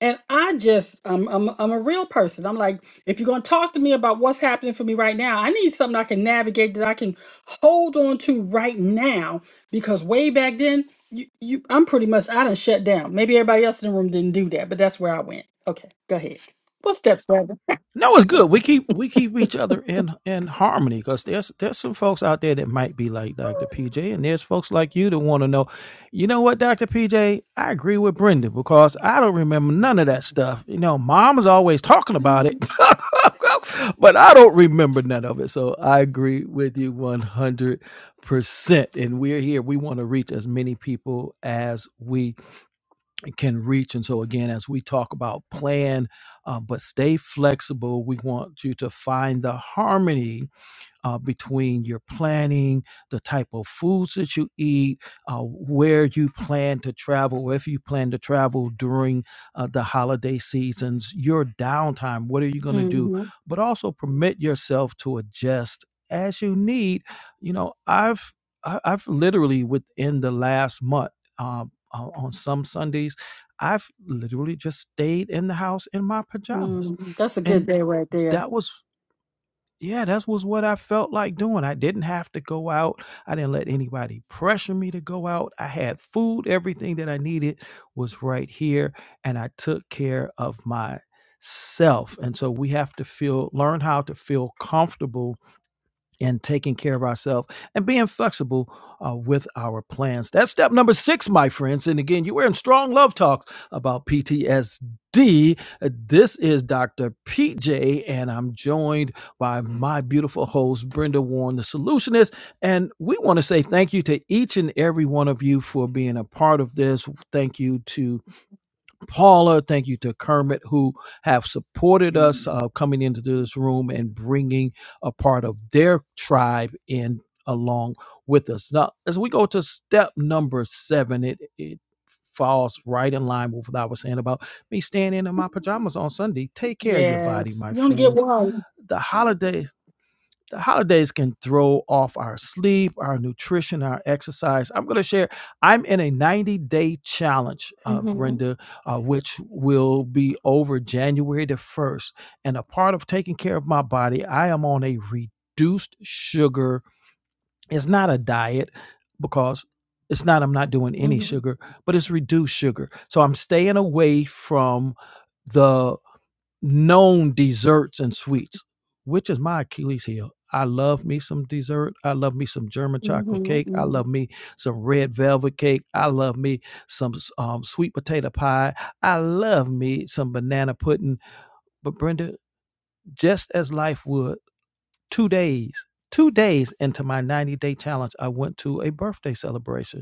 And I just, I'm, I'm, I'm a real person. I'm like, if you're going to talk to me about what's happening for me right now, I need something I can navigate that I can hold on to right now because way back then you, you i'm pretty much i done shut down maybe everybody else in the room didn't do that but that's where i went okay go ahead what's step 7
No, it's good. We keep we keep each other in in harmony because there's there's some folks out there that might be like Dr. PJ, and there's folks like you that want to know. You know what, Dr. PJ? I agree with Brenda because I don't remember none of that stuff. You know, Mom's always talking about it, but I don't remember none of it. So I agree with you one hundred percent. And we're here. We want to reach as many people as we can reach. And so, again, as we talk about plan, uh, but stay flexible, we want you to find the harmony uh, between your planning, the type of foods that you eat, uh, where you plan to travel, or if you plan to travel during uh, the holiday seasons, your downtime, what are you going to do?
mm-hmm.
But also permit yourself to adjust as you need. You know, I've I- I've literally within the last month uh, uh, on some Sundays, I've literally just stayed in the house in my pajamas,
mm that's a good
and
day right there
that was yeah, that was what I felt like doing. I didn't have to go out. I didn't let anybody pressure me to go out. I had food, everything that I needed was right here, and I took care of myself. And so we have to feel learn how to feel comfortable and taking care of ourselves and being flexible uh, with our plans. That's step number six, my friends. And again, you were in Strong Love Talks about PTSD. Uh, This is Dr. PJ, and I'm joined by my beautiful host, Brenda Warren, the solutionist. And we want to say thank you to each and every one of you for being a part of this. Thank you to Paula. Thank you to Kermit, who have supported us uh, coming into this room and bringing a part of their tribe in along with us. Now, as we go to step number seven, it, it falls right in line with what I was saying about me standing in my pajamas on Sunday. Take care of your body,
yes
my
you only get
friends.
one
The holiday the holidays can throw off our sleep, our nutrition, our exercise. I'm going to share, I'm in a 90 day challenge, uh,
mm-hmm.
Brenda, uh, which will be over January the 1st. And a part of taking care of my body, I am on a reduced sugar. It's not a diet because it's not, I'm not doing any
Mm-hmm.
sugar, but it's reduced sugar. So I'm staying away from the known desserts and sweets, which is my Achilles heel. I love me some dessert. I love me some German chocolate cake.
Mm-hmm.
I
mm-hmm.
love me some red velvet cake. I love me some um, sweet potato pie. I love me some banana pudding. But Brenda, just as life would, two days, two days into my 90 day challenge, I went to a birthday celebration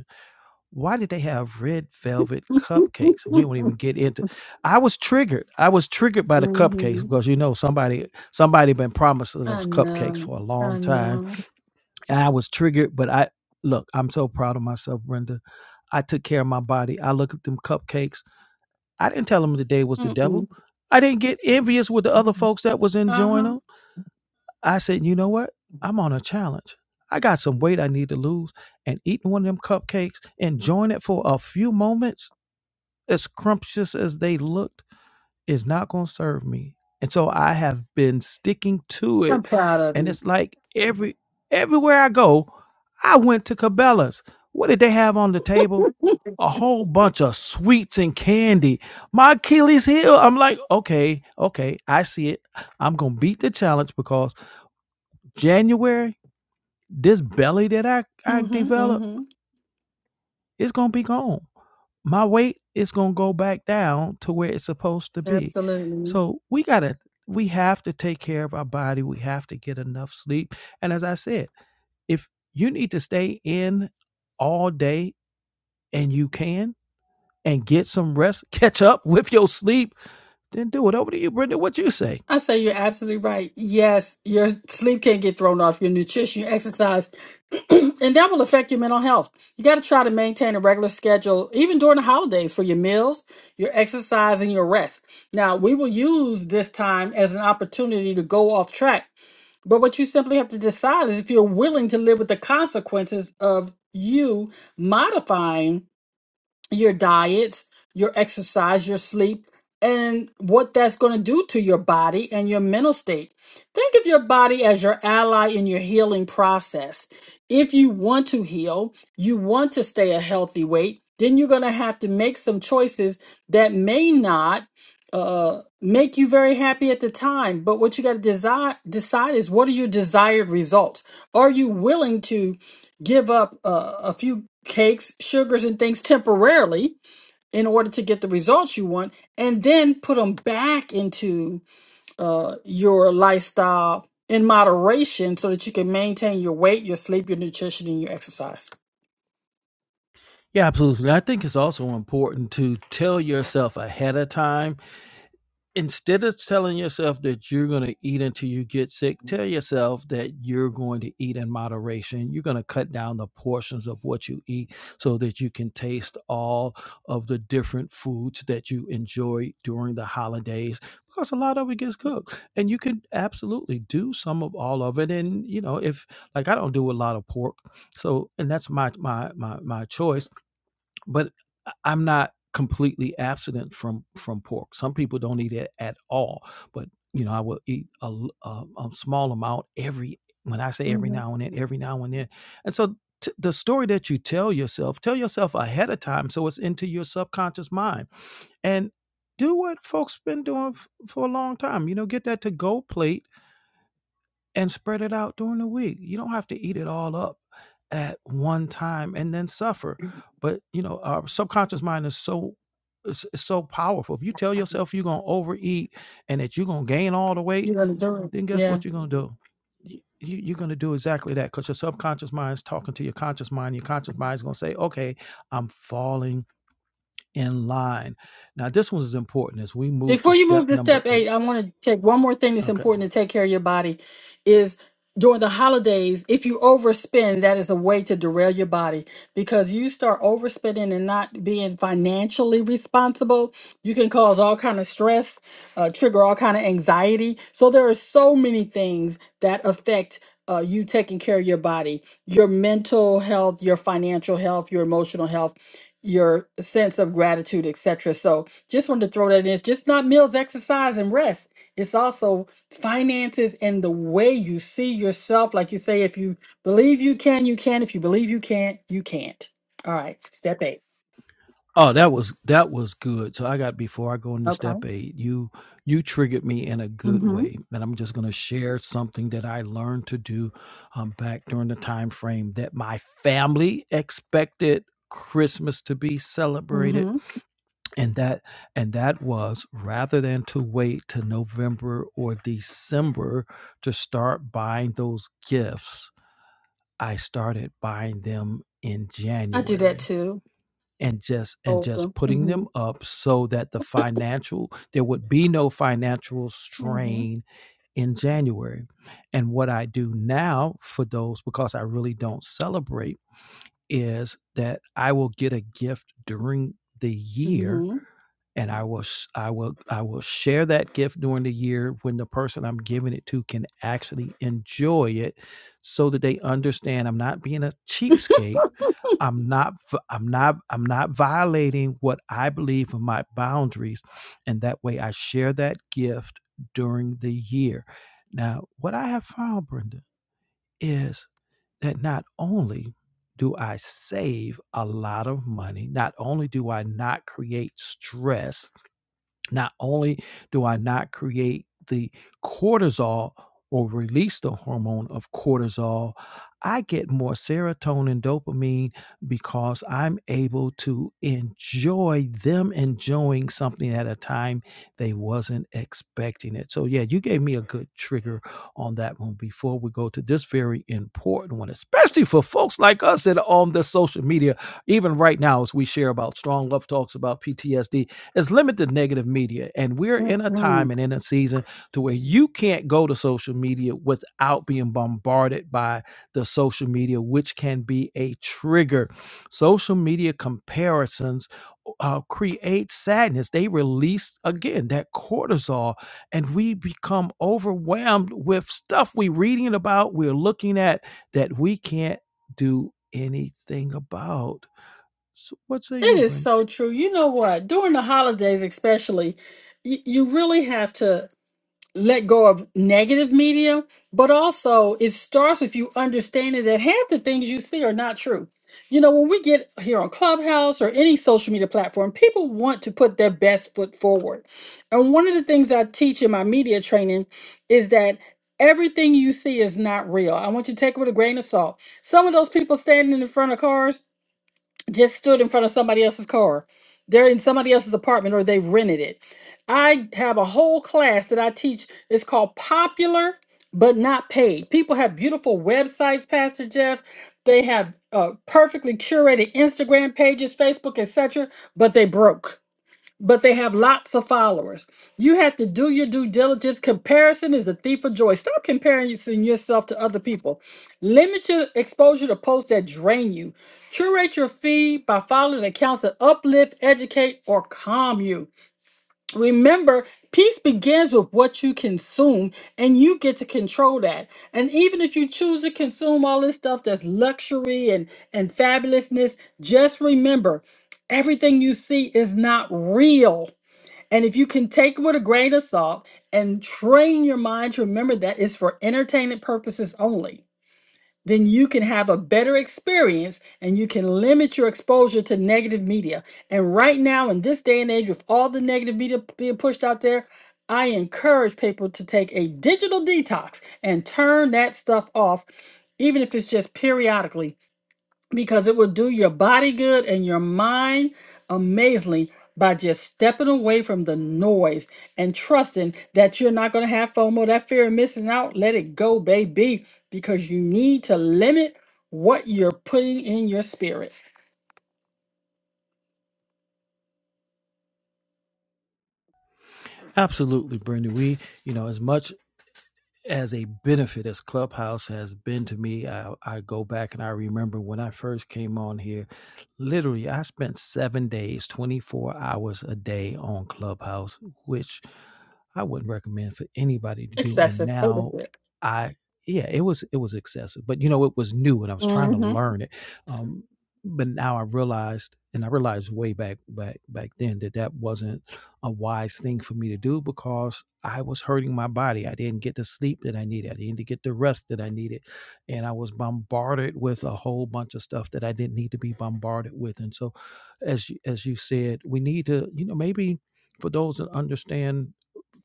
why did they have red velvet cupcakes? We won't even get into. I was triggered. I was triggered by the cupcakes
hmm
because you know somebody somebody been promising
i
us cupcakes for
know
a long
i
time.
know
And I was triggered, but I look. I'm so proud of myself, Brenda. I took care of my body. I looked at them cupcakes. I didn't tell them the day was the devil.
Mm-mm.
I didn't get envious with the other folks that was enjoying
uh-huh
them. I said, you know what? I'm on a challenge. I got some weight I need to lose, and eating one of them cupcakes, enjoying it for a few moments as scrumptious as they looked, is not going to serve me. And so I have been sticking to it.
i'm proud of
And
you
it's like every everywhere I go, I went to Cabela's. What did they have on the table? A whole bunch of sweets and candy. My Achilles heel. I'm like, okay, okay, I see it. I'm gonna beat the challenge because January, this belly that I, I
mm-hmm.
developed
Mm-hmm.
is gonna be gone. my weight is going to go back down to where it's supposed to be.
absolutely
So we got to we have to take care of our body. We have to get enough sleep. And as I said, if you need to stay in all day and you can and get some rest, catch up with your sleep, then do it. Over to you, Brenda. What you say?
I say you're absolutely right. Yes, your sleep can't get thrown off, your nutrition, your exercise, and that will affect your mental health. You got to try to maintain a regular schedule, even during the holidays, for your meals, your exercise, and your rest. Now, we will use this time as an opportunity to go off track. But what you simply have to decide is if you're willing to live with the consequences of you modifying your diets, your exercise, your sleep, and what that's going to do to your body and your mental state. Think of your body as your ally in your healing process. If you want to heal, you want to stay a healthy weight, then you're going to have to make some choices that may not uh make you very happy at the time but what you got to decide decide is what are your desired results are you willing to give up uh, a few cakes, sugars, and things temporarily in order to get the results you want, and then put them back into uh, your lifestyle in moderation so that you can maintain your weight, your sleep, your nutrition, and your exercise.
Yeah, absolutely. I think it's also important to tell yourself ahead of time instead of telling yourself that you're going to eat until you get sick, tell yourself that you're going to eat in moderation. You're going to cut down the portions of what you eat so that you can taste all of the different foods that you enjoy during the holidays because a lot of it gets cooked and you can absolutely do some of all of it and you know if like I don't do a lot of pork so and that's my my my my choice but I- am not completely abstinent from from pork. Some people don't eat it at all, but you know I will eat a a, a small amount every. When I say every
Mhm.
now and then, every now and then, and so t- the story that you tell yourself, tell yourself ahead of time, so it's into your subconscious mind, and do what folks been doing f- for a long time. You know, get that to go plate and spread it out during the week. You don't have to eat it all up at one time and then suffer. But you know, our subconscious mind is so is, is so powerful. If you tell yourself you're gonna overeat and that you're gonna gain all the weight,
You're going to do it.
then guess
yeah.
what you're gonna do? You, you- you're gonna do exactly that because your subconscious mind is talking to your conscious mind. Your conscious mind is gonna say, "Okay, I'm falling in line." Now, this one is important as we move to
Before you move
step
to
number
step eight,
eight.
I want to take one more thing that's
Okay
important to take care of your body is during the holidays, if you overspend, that is a way to derail your body because you start overspending and not being financially responsible. You can cause all kind of stress, uh, trigger all kind of anxiety. So there are so many things that affect uh, you taking care of your body, your mental health, your financial health, your emotional health, your sense of gratitude, etc. So just wanted to throw that in. It's just not meals, exercise, and rest. It's also finances and the way you see yourself. Like you say, if you believe you can, you can. If you believe you can't, you can't. All right. Step eight.
Oh, that was that was good. So I got before I go into
Okay.
step eight, you you triggered me in a good
Mm-hmm.
way, and I'm just going to share something that I learned to do um, back during the time frame that my family expected Christmas to be celebrated,
Mm-hmm.
and that and that was rather than to wait to November or December to start buying those gifts, I started buying them in
I do that
January
too.
and just and
Often.
just putting them up so that the financial there would be no financial
Mm-hmm.
strain in January. And what I do now for those because I really don't celebrate is that I will get a gift during the year
Mm-hmm.
and I will s- I will I will share that gift during the year when the person I'm giving it to can actually enjoy it so that they understand I'm not being a cheapskate. I'm not v- I'm not I'm not violating what I believe are my boundaries and that way I share that gift during the year. Now, what I have found Brenda is that not only do I save a lot of money, not only do I not create stress not only do I not create the cortisol or release the hormone of cortisol, I get more serotonin, dopamine because I'm able to enjoy them enjoying something at a time they wasn't expecting it. So yeah, you gave me a good trigger on that one before we go to this very important one, especially for folks like us that are on the social media, even right now as we share about strong love talks about PTSD there's limited negative media, and we're in a
Mm-hmm.
time and in a season to where you can't go to social media without being bombarded by the social media, which can be a trigger. Social media comparisons uh, create sadness. They release again that cortisol, and we become overwhelmed with stuff we're reading about, we're looking at that we can't do anything about. So, what say you,
It is
Brenda?
so true. You know what? During the holidays, especially, you, you really have to let go of negative media, but also it starts with you understanding that half the things you see are not true. You know, when we get here on Clubhouse or any social media platform, people want to put their best foot forward. And one of the things I teach in my media training is that everything you see is not real. I want you to take it with a grain of salt. Some of those people standing in front of cars, just stood in front of somebody else's car. They're in somebody else's apartment or they've rented it. I have a whole class that I teach. It's called Popular But Not Paid. People have beautiful websites, Pastor Jeff. They have uh, perfectly curated Instagram pages, Facebook, etc., but they broke but they have lots of followers. You have to do your due diligence. Comparison is the thief of joy. Stop comparing yourself to other people. Limit your exposure to posts that drain you. Curate your feed by following accounts that uplift, educate, or calm you. Remember, peace begins with what you consume, and you get to control that. And even if you choose to consume all this stuff that's luxury and, and fabulousness, just remember everything you see is not real and if you can take it with a grain of salt and train your mind to remember that it's for entertainment purposes only, then you can have a better experience and you can limit your exposure to negative media. And right now, in this day and age, with all the negative media p- being pushed out there, I encourage people to take a digital detox and turn that stuff off, even if it's just periodically because it will do your body good and your mind amazingly by just stepping away from the noise and trusting that you're not going to have FOMO, that fear of missing out. Let it go, baby, because you need to limit what you're putting in your spirit.
Absolutely, Brenda. We, you know, as much as a benefit as Clubhouse has been to me, I, I go back and I remember when I first came on here, literally, I spent seven days, 24 hours a day on Clubhouse, which I wouldn't recommend for anybody to do. And
Excessive, but a
now
bit.
I yeah, it was it was excessive. But you know, it was new and I was trying to
Mm-hmm.
learn it. Um but now I realized and I realized way back back back then that that wasn't a wise thing for me to do because I was hurting my body. I didn't get the sleep that I needed. I didn't get the rest that I needed. And I was bombarded with a whole bunch of stuff that I didn't need to be bombarded with. And so as you, as you said, we need to, you know, maybe for those that understand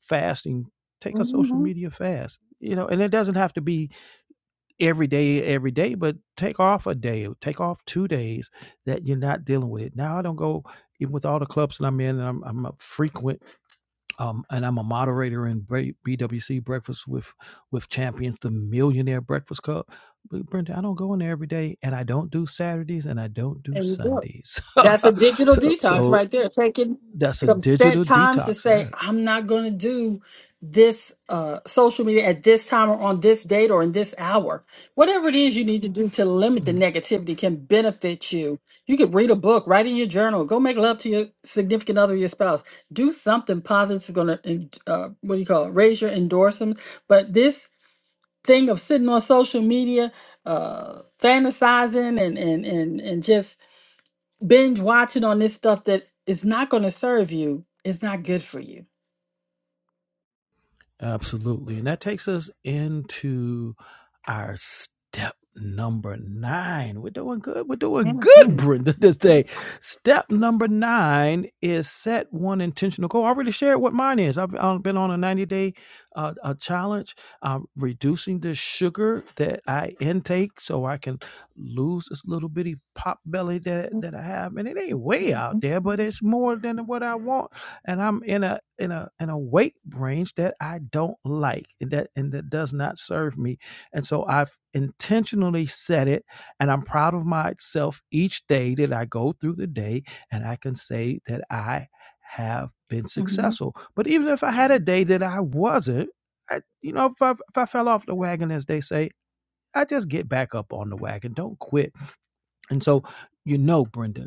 fasting take a social
Mm-hmm.
media fast you know and it doesn't have to be every day every day but take off a day take off two days that you're not dealing with it now i don't go even with all the clubs that i'm in and i'm, I'm a frequent um, and i'm a moderator in bwc breakfast with with champions the millionaire breakfast club but brenda i don't go in there every day and i don't do saturdays and i don't do
There you go.
sundays
That's a digital
so
detox
so
right there. Taking
that's a
some set
digital
times to
detox all
say,
right
I'm not going to do this uh, social media at this time or on this date or in this hour. Whatever it is you need to do to limit the
Mm,
negativity can benefit you. You could read a book, write in your journal, go make love to your significant other, your spouse. Do something positive is going to, uh, what do you call it, raise your endorsements. But this thing of sitting on social media, uh, fantasizing and, and, and, and just binge watching on this stuff that is not going to serve you is not good for you.
Absolutely. And that takes us into our step number nine. We're doing good. We're doing
Mhm.
good, Brenda, this day. Step number nine is set one intentional goal. I already shared what mine is. I've, I've been on a 90 day uh, uh challenge, um, reducing the sugar that I intake so I can lose this little bitty pop belly that, that I have. And it ain't way out there, but it's more than what I want and I'm in a in a in a weight range that I don't like and that and that does not serve me. And so I've intentionally set it and I'm proud of myself each day that I go through the day and I can say that I have been
Mhm. Mhm.
successful. But even if I had a day that I wasn't, I, you know, if I, if I fell off the wagon, as they say, I just get back up on the wagon. Don't quit. And so, you know, Brenda,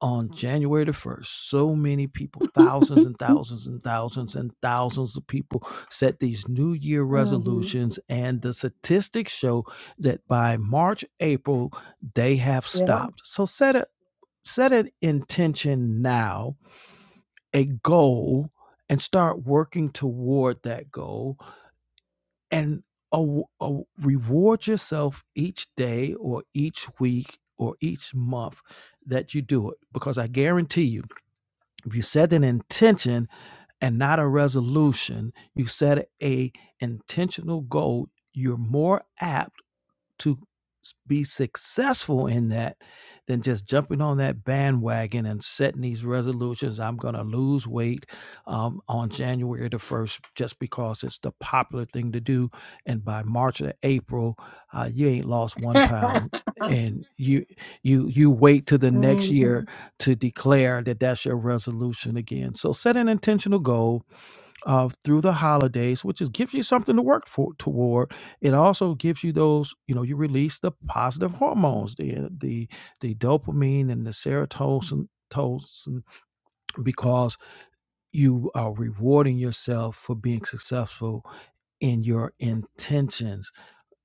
on January the 1st, so many people, thousands and thousands and thousands and thousands of people set these New Year
Mhm.
resolutions. And the statistics show that by March, April, they have
Yeah.
stopped. So set a set an intention now, a goal, and start working toward that goal. And a a reward yourself each day or each week or each month that you do it because I guarantee you if you set an intention and not a resolution, you set a intentional goal, you're more apt to s- be successful in that than just jumping on that bandwagon and setting these resolutions. I'm going to lose weight um, on January the 1st just because it's the popular thing to do. And by March or April, uh, you ain't lost one pound. And you you you wait to the next
Mhm.
year to declare that that's your resolution again. So set an intentional goal uh, through the holidays, which is gives you something to work for toward. It also gives you those, you know, you release the positive hormones, the the the dopamine and the serotonin. Tolson, because you are rewarding yourself for being successful in your intentions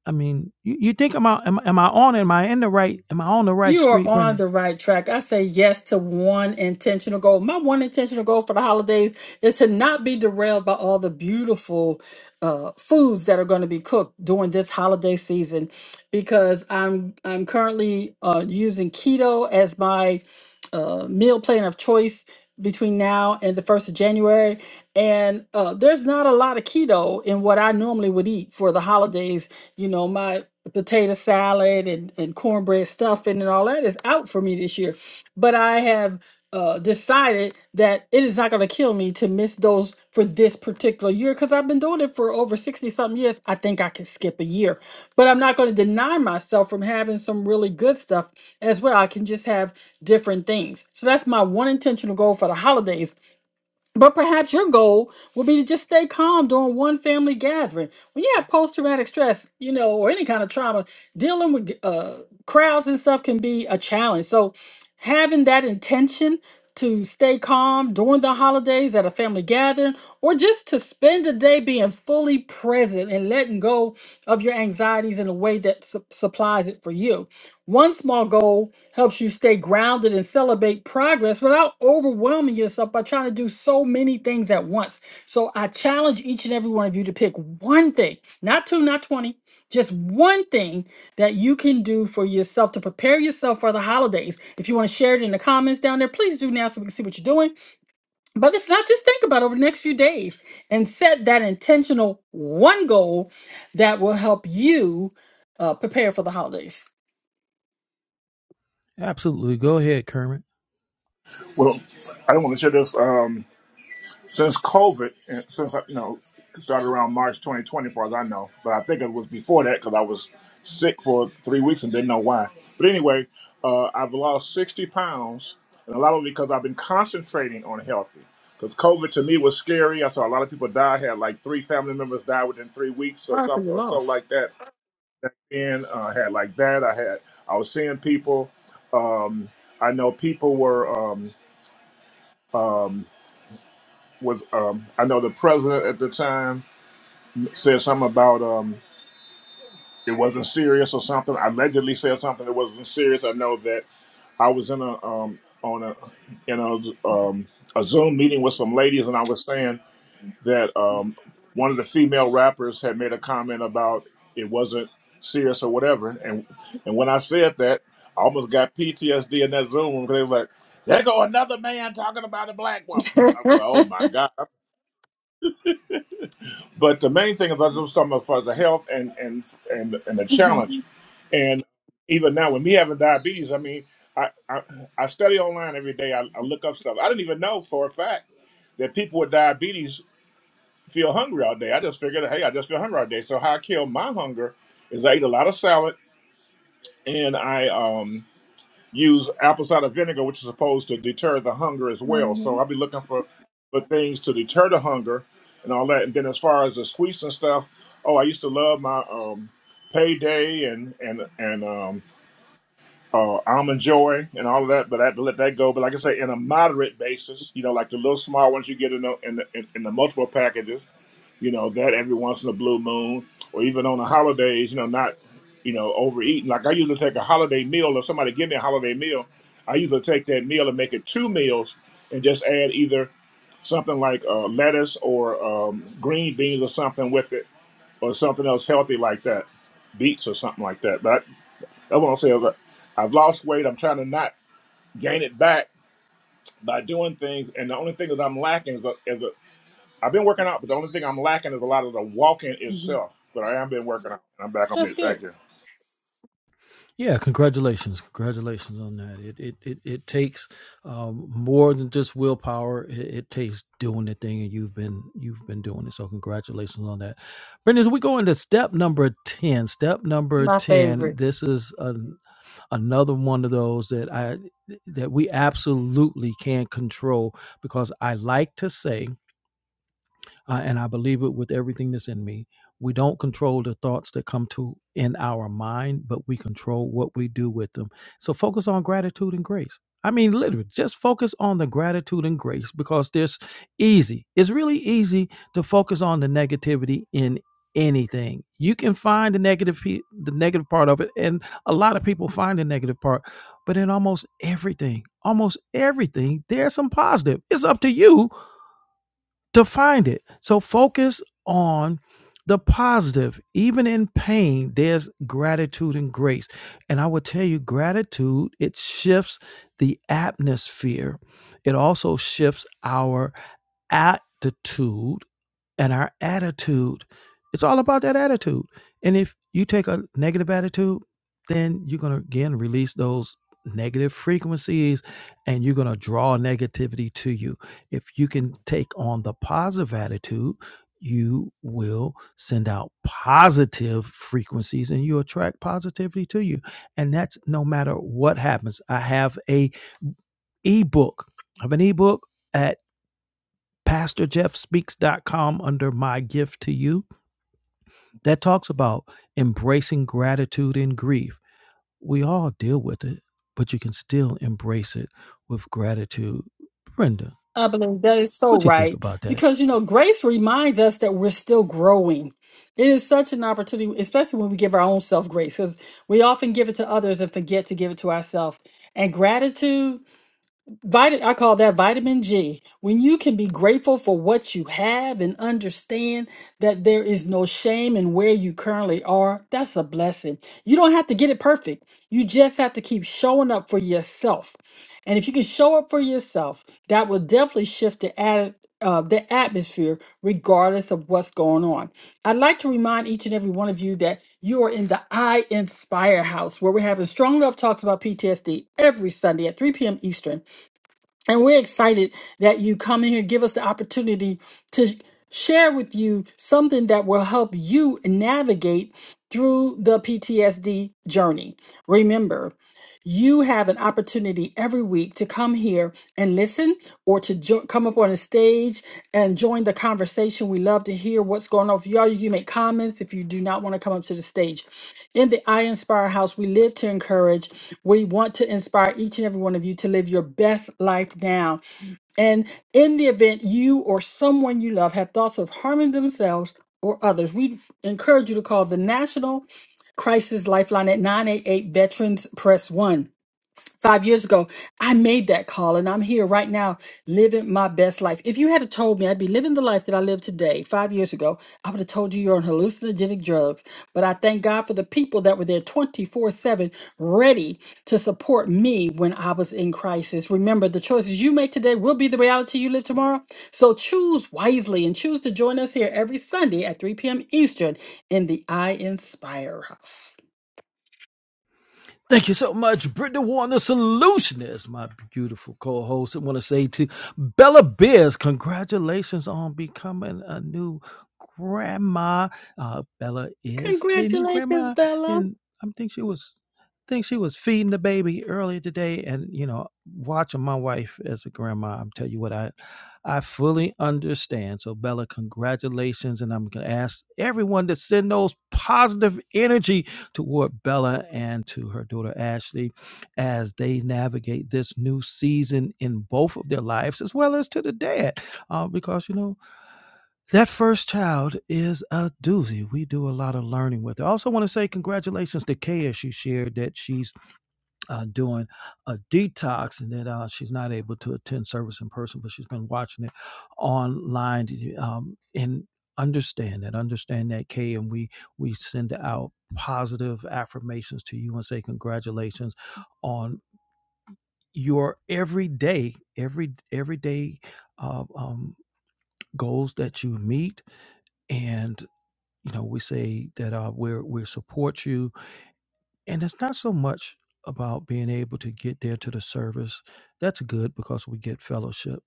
I mean, you, you think am I am, am I on am I in the right am I on the right
You are
street,
on
Brenda?
the right track. I say yes to one intentional goal. My one intentional goal for the holidays is to not be derailed by all the beautiful uh, foods that are going to be cooked during this holiday season, because I'm I'm currently uh, using keto as my uh, meal plan of choice between now and the first of January, and uh, there's not a lot of keto in what I normally would eat for the holidays. You know, my the potato salad and, and cornbread stuffing and all that is out for me this year. But I have uh, decided that it is not going to kill me to miss those for this particular year because I've been doing it for over 60 something years. I think I can skip a year, but I'm not going to deny myself from having some really good stuff as well. I can just have different things. So that's my one intentional goal for the holidays but perhaps your goal will be to just stay calm during one family gathering. When you have post traumatic stress, you know, or any kind of trauma, dealing with uh, crowds and stuff can be a challenge. So, having that intention to stay calm during the holidays at a family gathering, or just to spend a day being fully present and letting go of your anxieties in a way that su- supplies it for you. One small goal helps you stay grounded and celebrate progress without overwhelming yourself by trying to do so many things at once. So I challenge each and every one of you to pick one thing, not two, not 20, just one thing that you can do for yourself to prepare yourself for the holidays. If you want to share it in the comments down there, please do now so we can see what you're doing. But if not, just think about it over the next few days and set that intentional one goal that will help you uh, prepare for the holidays.
Absolutely. Go ahead, Kermit.
Well, I don't want to share this. Um, since COVID, and since you know, started around March 2020, as far as I know, but I think it was before that because I was sick for three weeks and didn't know why. But anyway, uh, I've lost 60 pounds, and a lot of it because I've been concentrating on healthy. Because COVID to me was scary. I saw a lot of people die. I had like three family members die within three weeks or something or so like that. And uh, I had like that. I had I was seeing people. Um, I know people were um, um, was um, I know the president at the time said something about um it wasn't serious or something. Allegedly said something that wasn't serious. I know that I was in a um on a in a um a Zoom meeting with some ladies and I was saying that um one of the female rappers had made a comment about it wasn't serious or whatever and and when I said that I almost got PTSD in that Zoom room 'cause they were like there go another man talking about a black woman. I was like, oh my God. But the main thing is, I was
Mhm,
talking about for the health and and and and the challenge,
mhm,
and even now with me having diabetes, I mean, I I, I study online every day. I, I look up stuff. I didn't even know for a fact that people with diabetes feel hungry all day. I just figured, hey, I just feel hungry all day. So how I kill my hunger is I eat a lot of salad and I um use apple cider vinegar, which is supposed to deter the hunger as well. So I'll
mhm.
be looking for, for things to deter the hunger and all that. And then as far as the sweets and stuff, oh, I used to love my um, payday and and and um, uh, almond joy and all of that, but I had to let that go. But like I say, in a moderate basis, you know, like the little small ones you get in the in the, in the multiple packages you know that every once in a blue moon or even on the holidays you know not you know overeating like i usually take a holiday meal or somebody give me a holiday meal i usually take that meal and make it two meals and just add either something like uh, lettuce or um, green beans or something with it or something else healthy like that beets or something like that but i I want to say that i've lost weight i'm trying to not gain it back by doing things and the only thing that i'm lacking is a, is a I've been working out, but the only thing I'm lacking is a lot of the walking itself. But I have been working out. I'm back on
That's
it.
good.
Thank you.
Yeah, congratulations, congratulations on that. It it it, it takes um, more than just willpower. It, it takes doing the thing, and you've been you've been doing it. So congratulations on that, Brendan. As we go into step number ten, step number
My
ten,
favorite.
this is an, another one of those that I that we absolutely can't control because I like to say uh, and I believe it with everything that's in me. We don't control the thoughts that come to in our mind, but we control what we do with them. So focus on gratitude and grace. I mean, literally, just focus on the gratitude and grace because there's easy. It's really easy to focus on the negativity in anything. You can find the negative, pe- the negative part of it, and a lot of people find the negative part. But in almost everything, almost everything, there's some positive. It's up to you to find it. So focus on the positive. Even in pain, there's gratitude and grace. And I will tell you, gratitude, it shifts the atmosphere. It also shifts our attitude and our attitude. It's all about that attitude. And if you take a negative attitude, then you're going to again release those negative frequencies and you're going to draw negativity to you. If you can take on the positive attitude, you will send out positive frequencies and you attract positivity to you. And that's no matter what happens. I have a ebook. I have an ebook at pastorjeffspeaks.com under my gift to you that talks about embracing gratitude and grief. We all deal with it, but you can still embrace it with gratitude. Brenda,
I believe that is so
what do you think
right.
about that?
Because, you know, grace reminds us that we're still growing. It is such an opportunity, especially when we give our own self grace, because we often give it to others and forget to give it to ourselves. And gratitude. Vitamin, I call that vitamin G. When you can be grateful for what you have and understand that there is no shame in where you currently are, that's a blessing. You don't have to get it perfect. You just have to keep showing up for yourself. And if you can show up for yourself, that will definitely shift the atti- uh, the atmosphere, regardless of what's going on. I'd like to remind each and every one of you that you are in the I Inspire House, where we're having strong love talks about PTSD every Sunday at 3 p.m. Eastern. And we're excited that you come in here, give us the opportunity to share with you something that will help you navigate through the PTSD journey. Remember, you have an opportunity every week to come here and listen or to jo- come up on the stage and join the conversation. We love to hear what's going on. If y'all, you make comments if you do not want to come up to the stage. In the I Inspire House, we live to encourage. We want to inspire each and every one of you to live your best life now. And in the event you or someone you love have thoughts of harming themselves or others, we encourage you to call the National Crisis Lifeline at 988 Veterans Press 1 five years ago, I made that call and I'm here right now living my best life. If you had have told me I'd be living the life that I live today five years ago, I would have told you you're on hallucinogenic drugs. But I thank God for the people that were there 24 7 ready to support me when I was in crisis. Remember, the choices you make today will be the reality you live tomorrow. So choose wisely and choose to join us here every Sunday at 3 p.m. Eastern in the I Inspire House.
Thank you so much, Brittany Warren, the solutionist, my beautiful co-host. I want to say to Bella Biz, congratulations on becoming a new grandma. Uh, Bella is a new
Congratulations,
grandma,
Bella.
and I think she was think she was feeding the baby earlier today. And you know, watching my wife as a grandma, I'm tell you what, I I fully understand. So, Bella, congratulations, and I'm gonna ask everyone to send those positive energy toward Bella and to her daughter Ashley as they navigate this new season in both of their lives, as well as to the dad. Uh, because, you know, that first child is a doozy. We do a lot of learning with it. I also want to say congratulations to Kaya. She shared that she's uh, doing a detox, and that uh, she's not able to attend service in person, but she's been watching it online. Um, and understand that, understand that, Kay, and we we send out positive affirmations to you and say congratulations on your everyday, every everyday uh, um, goals that you meet and you know we say that uh, we're we support you and it's not so much about being able to get there to the service that's good because we get fellowship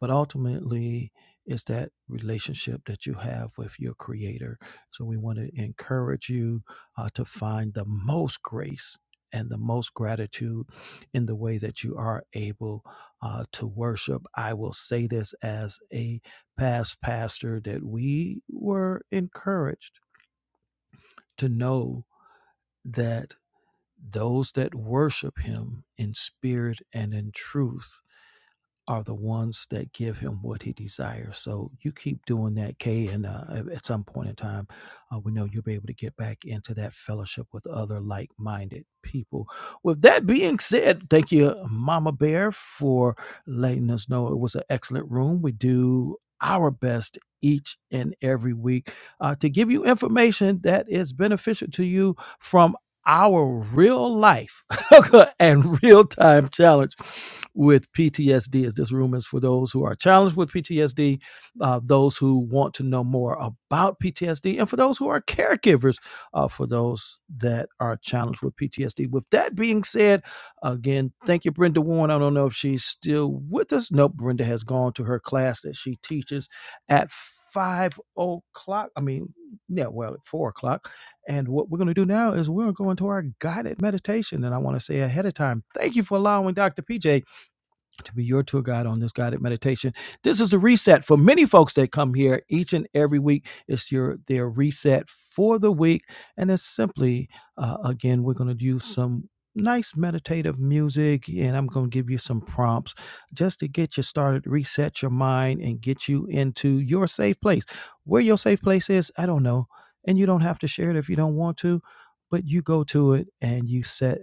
but ultimately it's that relationship that you have with your creator so we want to encourage you uh, to find the most grace and the most gratitude in the way that you are able uh, to worship. I will say this as a past pastor that we were encouraged to know that those that worship him in spirit and in truth are the ones that give him what he desires. So you keep doing that, Kay, and uh, at some point in time, uh, we know you'll be able to get back into that fellowship with other like minded people. With that being said, thank you, Mama Bear, for letting us know it was an excellent room. We do our best each and every week uh, to give you information that is beneficial to you from our real life struggle and real time challenge with PTSD, as this room is for those who are challenged with PTSD, uh, those who want to know more about PTSD, and for those who are caregivers uh, for those that are challenged with PTSD. With that being said, again, thank you, Brenda Warren. I don't know if she's still with us. Nope, Brenda has gone to her class that she teaches at five o'clock. I mean, yeah, well, at four o'clock. And what we're going to do now is we're going to go into our guided meditation. And I want to say ahead of time, thank you for allowing Dr. PJ to be your tour guide on this guided meditation. This is a reset for many folks that come here each and every week. It's your their reset for the week, and it's simply uh, again we're going to do some nice meditative music, and I'm going to give you some prompts just to get you started, reset your mind, and get you into your safe place. Where your safe place is, I don't know, and you don't have to share it if you don't want to, but you go to it and you set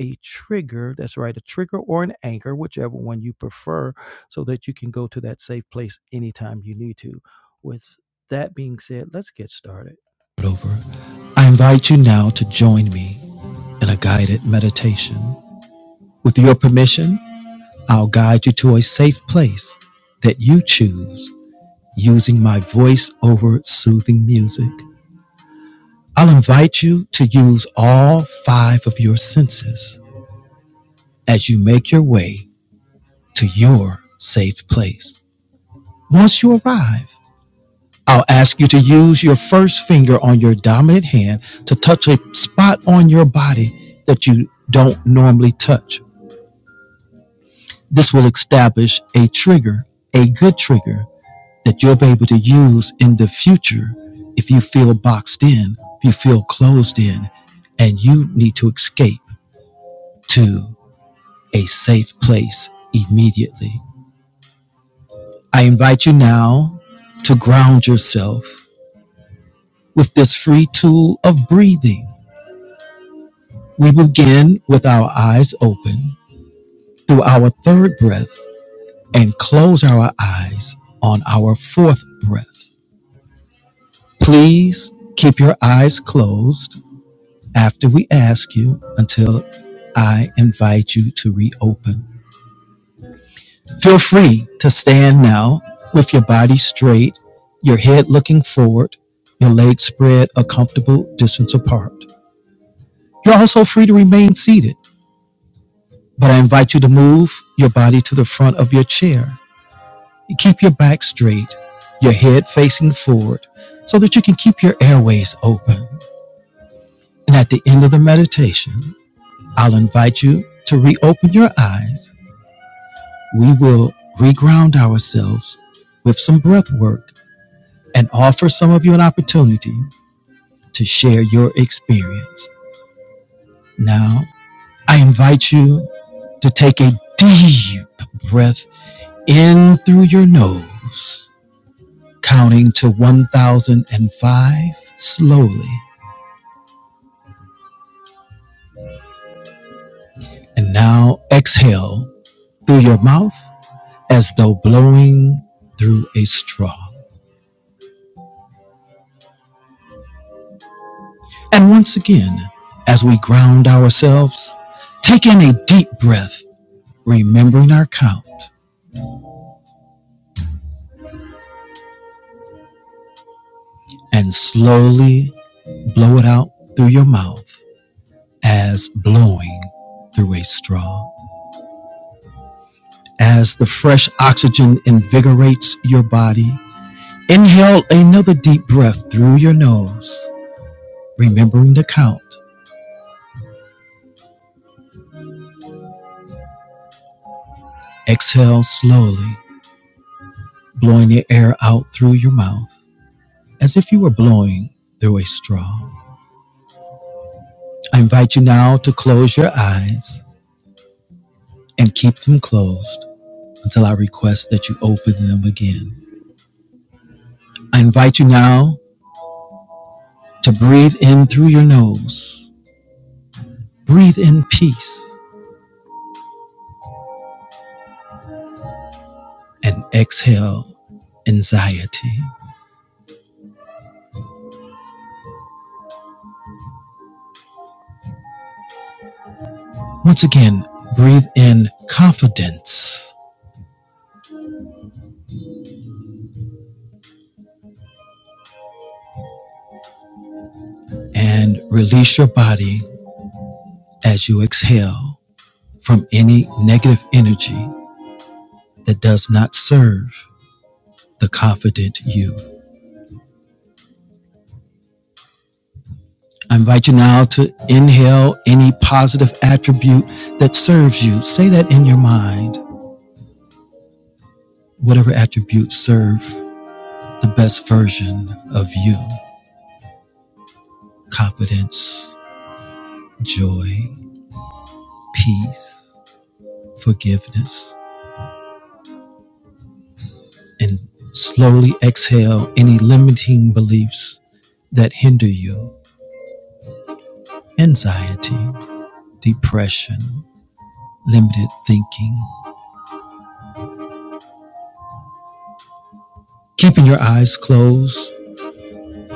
a trigger. That's right, a trigger or an anchor, whichever one you prefer, so that you can go to that safe place anytime you need to. With that being said, let's get started. Over. I invite you now to join me in a guided meditation. With your permission, I'll guide you to a safe place that you choose using my voice over soothing music. I'll invite you to use all five of your senses as you make your way to your safe place. Once you arrive, I'll ask you to use your first finger on your dominant hand to touch a spot on your body that you don't normally touch. This will establish a trigger, a good trigger that you'll be able to use in the future if you feel boxed in, if you feel closed in, and you need to escape to a safe place immediately. I invite you now to ground yourself With this free tool of breathing, we begin with our eyes open through our third breath and close our eyes on our fourth breath. Please keep your eyes closed after we ask you until I invite you to reopen. Feel free to stand now with your body straight, your head looking forward, your legs spread a comfortable distance apart. You're also free to remain seated But I invite you to move your body to the front of your chair. You Keep your back straight, your head facing forward, so that you can keep your airways open. And at the end of the meditation, I'll invite you to reopen your eyes. We will reground ourselves with some breath work and offer some of you an opportunity to share your experience. Now, I invite you to take a deep breath in through your nose counting to 1005 slowly. And now exhale through your mouth as though blowing through a straw. And once again, as we ground ourselves, take in a deep breath, remembering our count, and slowly blow it out through your mouth as blowing through a straw. As the fresh oxygen invigorates your body, inhale another deep breath through your nose remembering the count. Exhale slowly, blowing the air out through your mouth as if you were blowing through a straw. I invite you now to close your eyes and keep them closed until I request that you open them again. I invite you now to breathe in through your nose, breathe in peace, and exhale anxiety. Once again, breathe in confidence and release your body as you exhale. from any negative energy that does not serve the confident you. I invite you now to inhale any positive attribute that serves you. Say that in your mind. Whatever attributes serve the best version of you confidence, joy, peace, forgiveness, and slowly exhale any limiting beliefs that hinder you anxiety, depression, limited thinking keeping your eyes closed,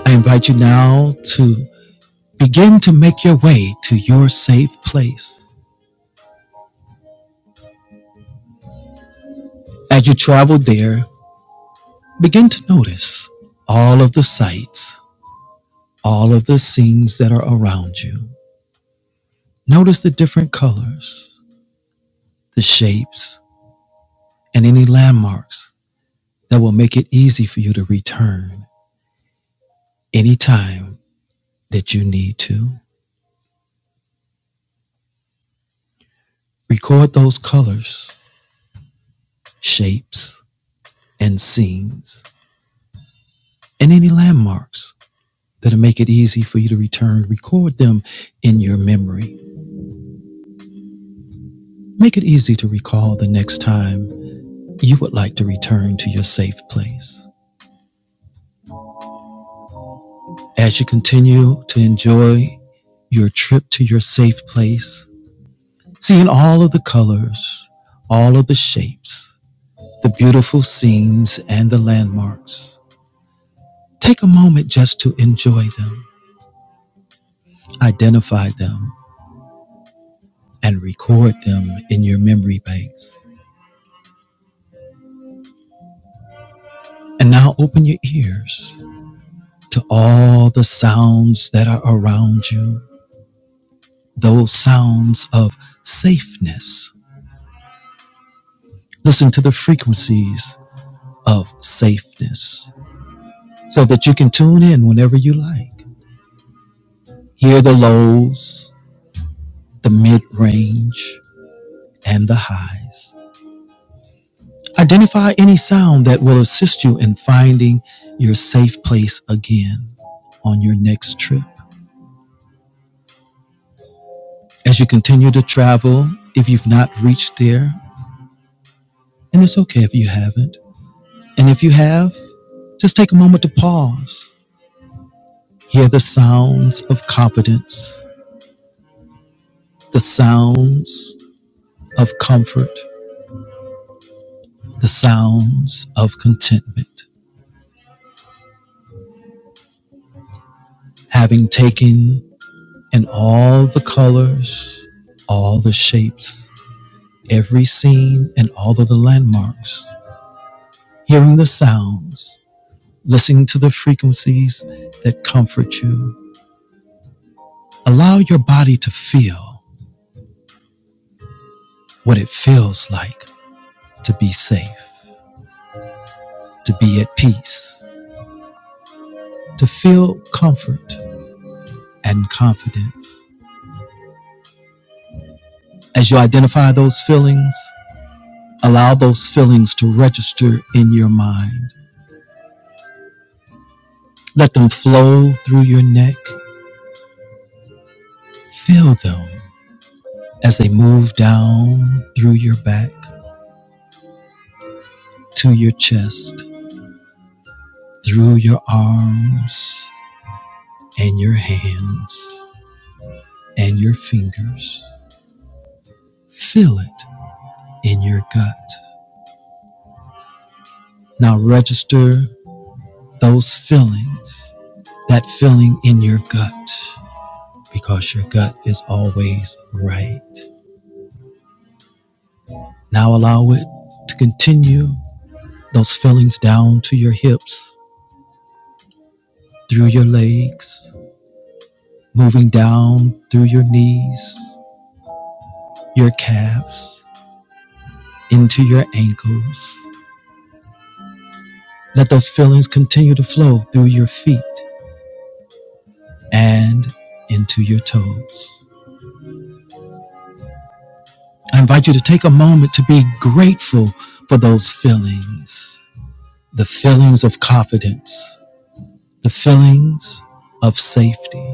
I invite you now to begin to make your way to your safe place. As you travel there, begin to notice all of the sights, all of the scenes that are around you. Notice the different colors, the shapes, and any landmarks that will make it easy for you to return anytime that you need to. Record those colors, shapes, and scenes, and any landmarks that'll make it easy for you to return. Record them in your memory. Make it easy to recall the next time you would like to return to your safe place. As you continue to enjoy your trip to your safe place, seeing all of the colors, all of the shapes, the beautiful scenes and the landmarks, take a moment just to enjoy them, identify them, and record them in your memory banks. And now open your ears to all the sounds that are around you, those sounds of safeness. Listen to the frequencies of safeness so that you can tune in whenever you like. Hear the lows, the mid range, and the highs. Identify any sound that will assist you in finding your safe place again on your next trip. As you continue to travel, if you've not reached there, and it's okay if you haven't, and if you have, Just take a moment to pause. Hear the sounds of confidence, the sounds of comfort, the sounds of contentment. Having taken in all the colors, all the shapes, every scene, and all of the landmarks, hearing the sounds, listening to the frequencies that comfort you. Allow your body to feel what it feels like to be safe, to be at peace, to feel comfort and confidence. As you identify those feelings, allow those feelings to register in your mind. Let them flow through your neck. Feel them as they move down through your back to your chest, through your arms and your hands and your fingers. Feel it in your gut. Now register those feelings, that feeling in your gut. because your gut is always right. Now allow it to continue those feelings down to your hips, through your legs, moving down through your knees, your calves, into your ankles. Let those feelings continue to flow through your feet and into your toes. I invite you to take a moment to be grateful for those feelings the feelings of confidence, the feelings of safety,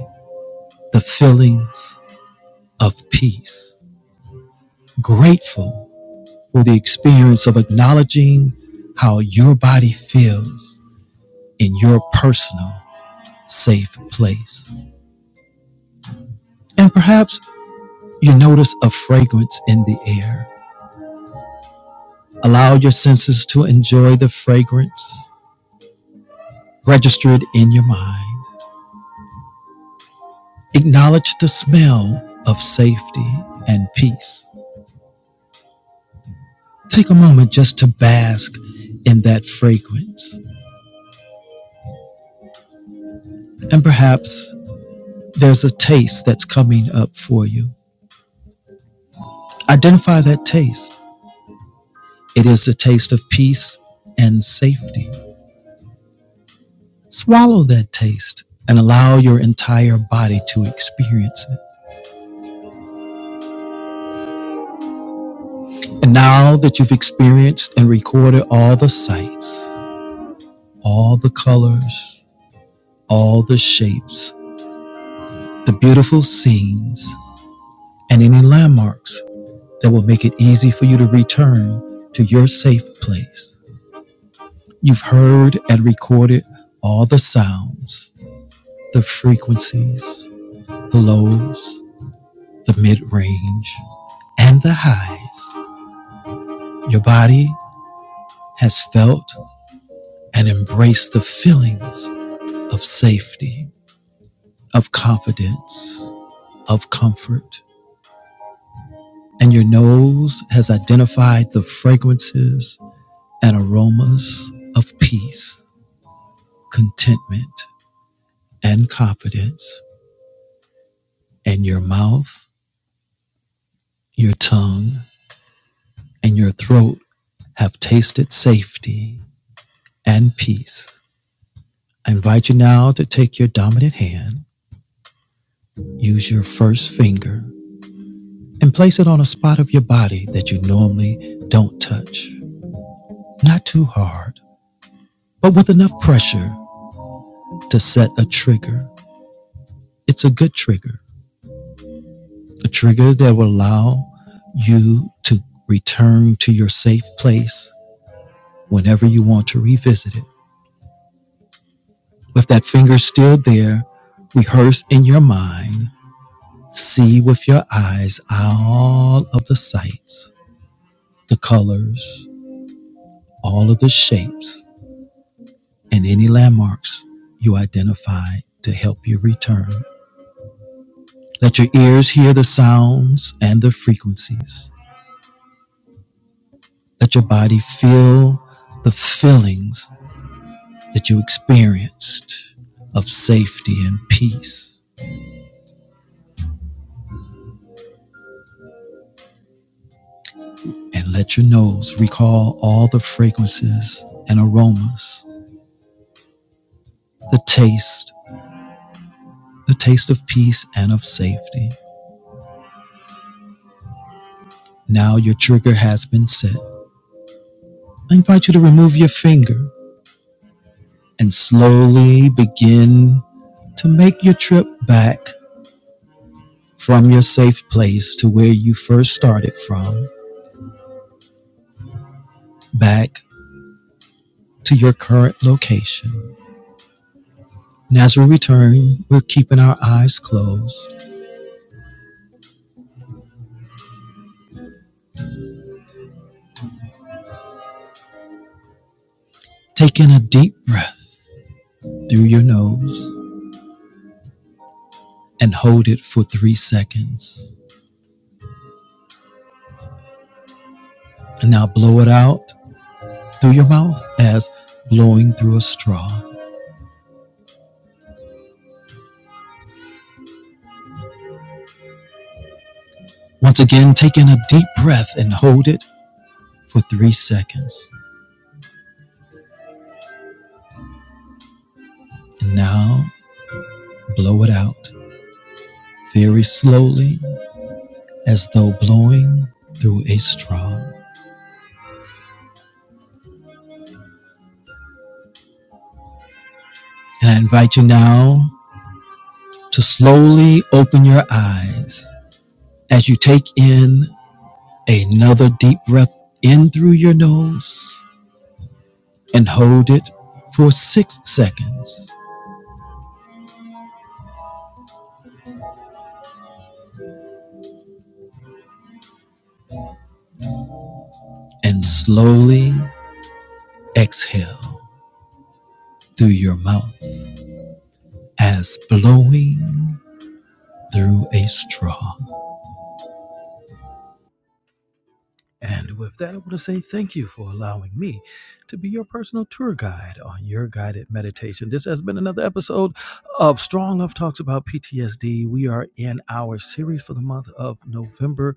the feelings of peace. Grateful for the experience of acknowledging how your body feels in your personal safe place. And perhaps you notice a fragrance in the air. Allow your senses to enjoy the fragrance Register it in your mind. Acknowledge the smell of safety and peace. Take a moment just to bask in that fragrance and perhaps There's a taste that's coming up for you. Identify that taste. It is the taste of peace and safety. Swallow that taste and allow your entire body to experience it. And now that you've experienced and recorded all the sights, all the colors, all the shapes, the beautiful scenes, and any landmarks that will make it easy for you to return to your safe place, you've heard and recorded all the sounds the frequencies, the lows, the mid range, and the highs. Your body has felt and embraced the feelings of safety, of confidence, of comfort. And your nose has identified the fragrances and aromas of peace, contentment, and confidence. And your mouth, your tongue, and your throat have tasted safety and peace I invite you now to take your dominant hand, use your first finger, and place it on a spot of your body that you normally don't touch. Not too hard, but with enough pressure to set a trigger. It's a good trigger, a trigger that will allow you to return to your safe place whenever you want to revisit it. With that finger still there, rehearse in your mind, see with your eyes all of the sights, the colors, all of the shapes and any landmarks you identify to help you return. Let your ears hear the sounds and the frequencies. Let your body feel the feelings that you experienced of safety and peace. And let your nose recall all the fragrances and aromas, the taste, the taste of peace and of safety. Now your trigger has been set. I invite you to remove your finger and slowly begin to make your trip back from your safe place to where you first started from, back to your current location. And as we return, we're keeping our eyes closed, taking a deep breath through your nose and hold it for three seconds. And now blow it out through your mouth as blowing through a straw. Once again, taking a deep breath and hold it for three seconds. And now blow it out very slowly, as though blowing through a straw. And I invite you now to slowly open your eyes as you take in another deep breath in through your nose and hold it for six seconds and slowly exhale through your mouth as blowing through a straw. And with that, I want to say thank you for allowing me to be your personal tour guide on your guided meditation. This has been another episode of Strong Love Talks about PTSD. We are in our series for the month of November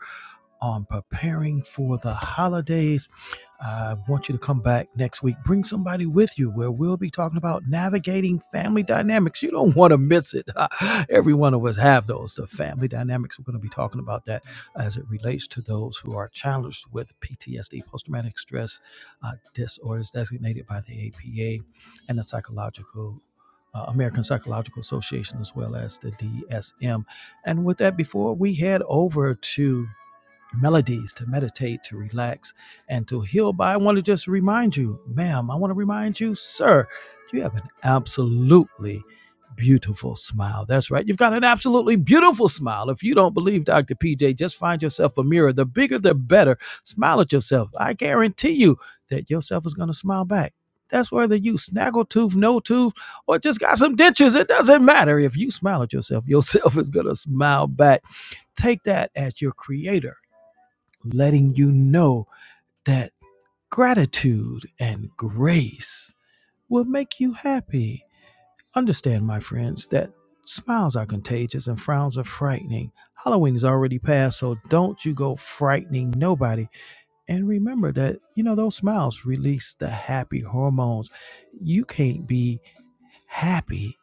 on preparing for the holidays. I want you to come back next week. Bring somebody with you where we'll be talking about navigating family dynamics. You don't want to miss it. Every one of us have those. The family dynamics, we're going to be talking about that as it relates to those who are challenged with PTSD, post traumatic stress uh, disorders designated by the APA and the psychological. Uh, American Psychological Association, as well as the DSM. And with that, before we head over to melodies to meditate, to relax, and to heal by. I want to just remind you, ma'am, I want to remind you, sir, you have an absolutely beautiful smile. That's right. You've got an absolutely beautiful smile. If you don't believe Dr. PJ, just find yourself a mirror. The bigger, the better. Smile at yourself. I guarantee you that yourself is going to smile back. That's whether you snaggle tooth, no tooth, or just got some dentures. It doesn't matter. If you smile at yourself, yourself is going to smile back. Take that as your creator letting you know that gratitude and grace will make you happy. Understand, my friends, that smiles are contagious and frowns are frightening. Halloween is already past, so don't you go frightening nobody. And remember that, you know, those smiles release the happy hormones. You can't be happy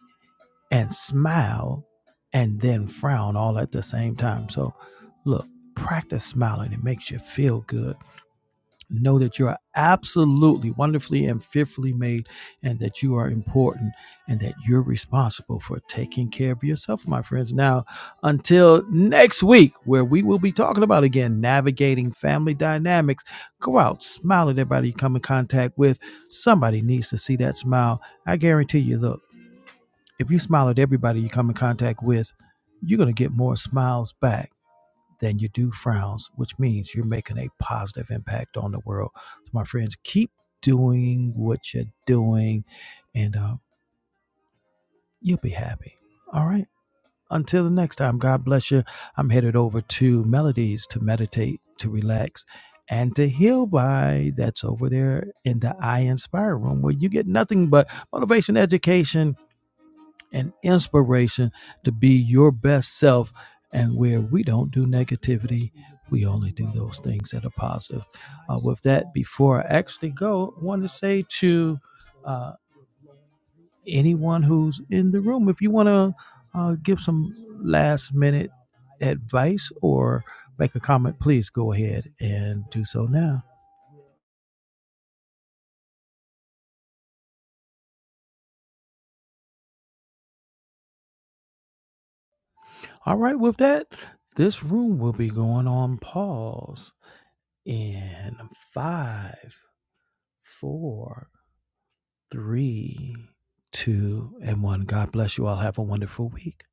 and smile and then frown all at the same time. So, look, practice smiling. It makes you feel good know that you are absolutely wonderfully and fearfully made and that you are important and that you're responsible for taking care of yourself my friends now until next week where we will be talking about again navigating family dynamics go out smile at everybody you come in contact with somebody needs to see that smile i guarantee you look if you smile at everybody you come in contact with you're going to get more smiles back than you do frowns, which means you're making a positive impact on the world. So, my friends, keep doing what you're doing and uh, you'll be happy. All right. Until the next time, God bless you. I'm headed over to Melodies to meditate, to relax, and to heal by. That's over there in the I Inspire room where you get nothing but motivation, education, and inspiration to be your best self and where we don't do negativity we only do those things that are positive uh, with that before i actually go i want to say to uh, anyone who's in the room if you want to uh, give some last minute advice or make a comment please go ahead and do so now all right with that this room will be going on pause in five, four, three, two, and one. God bless you all. Have a wonderful week.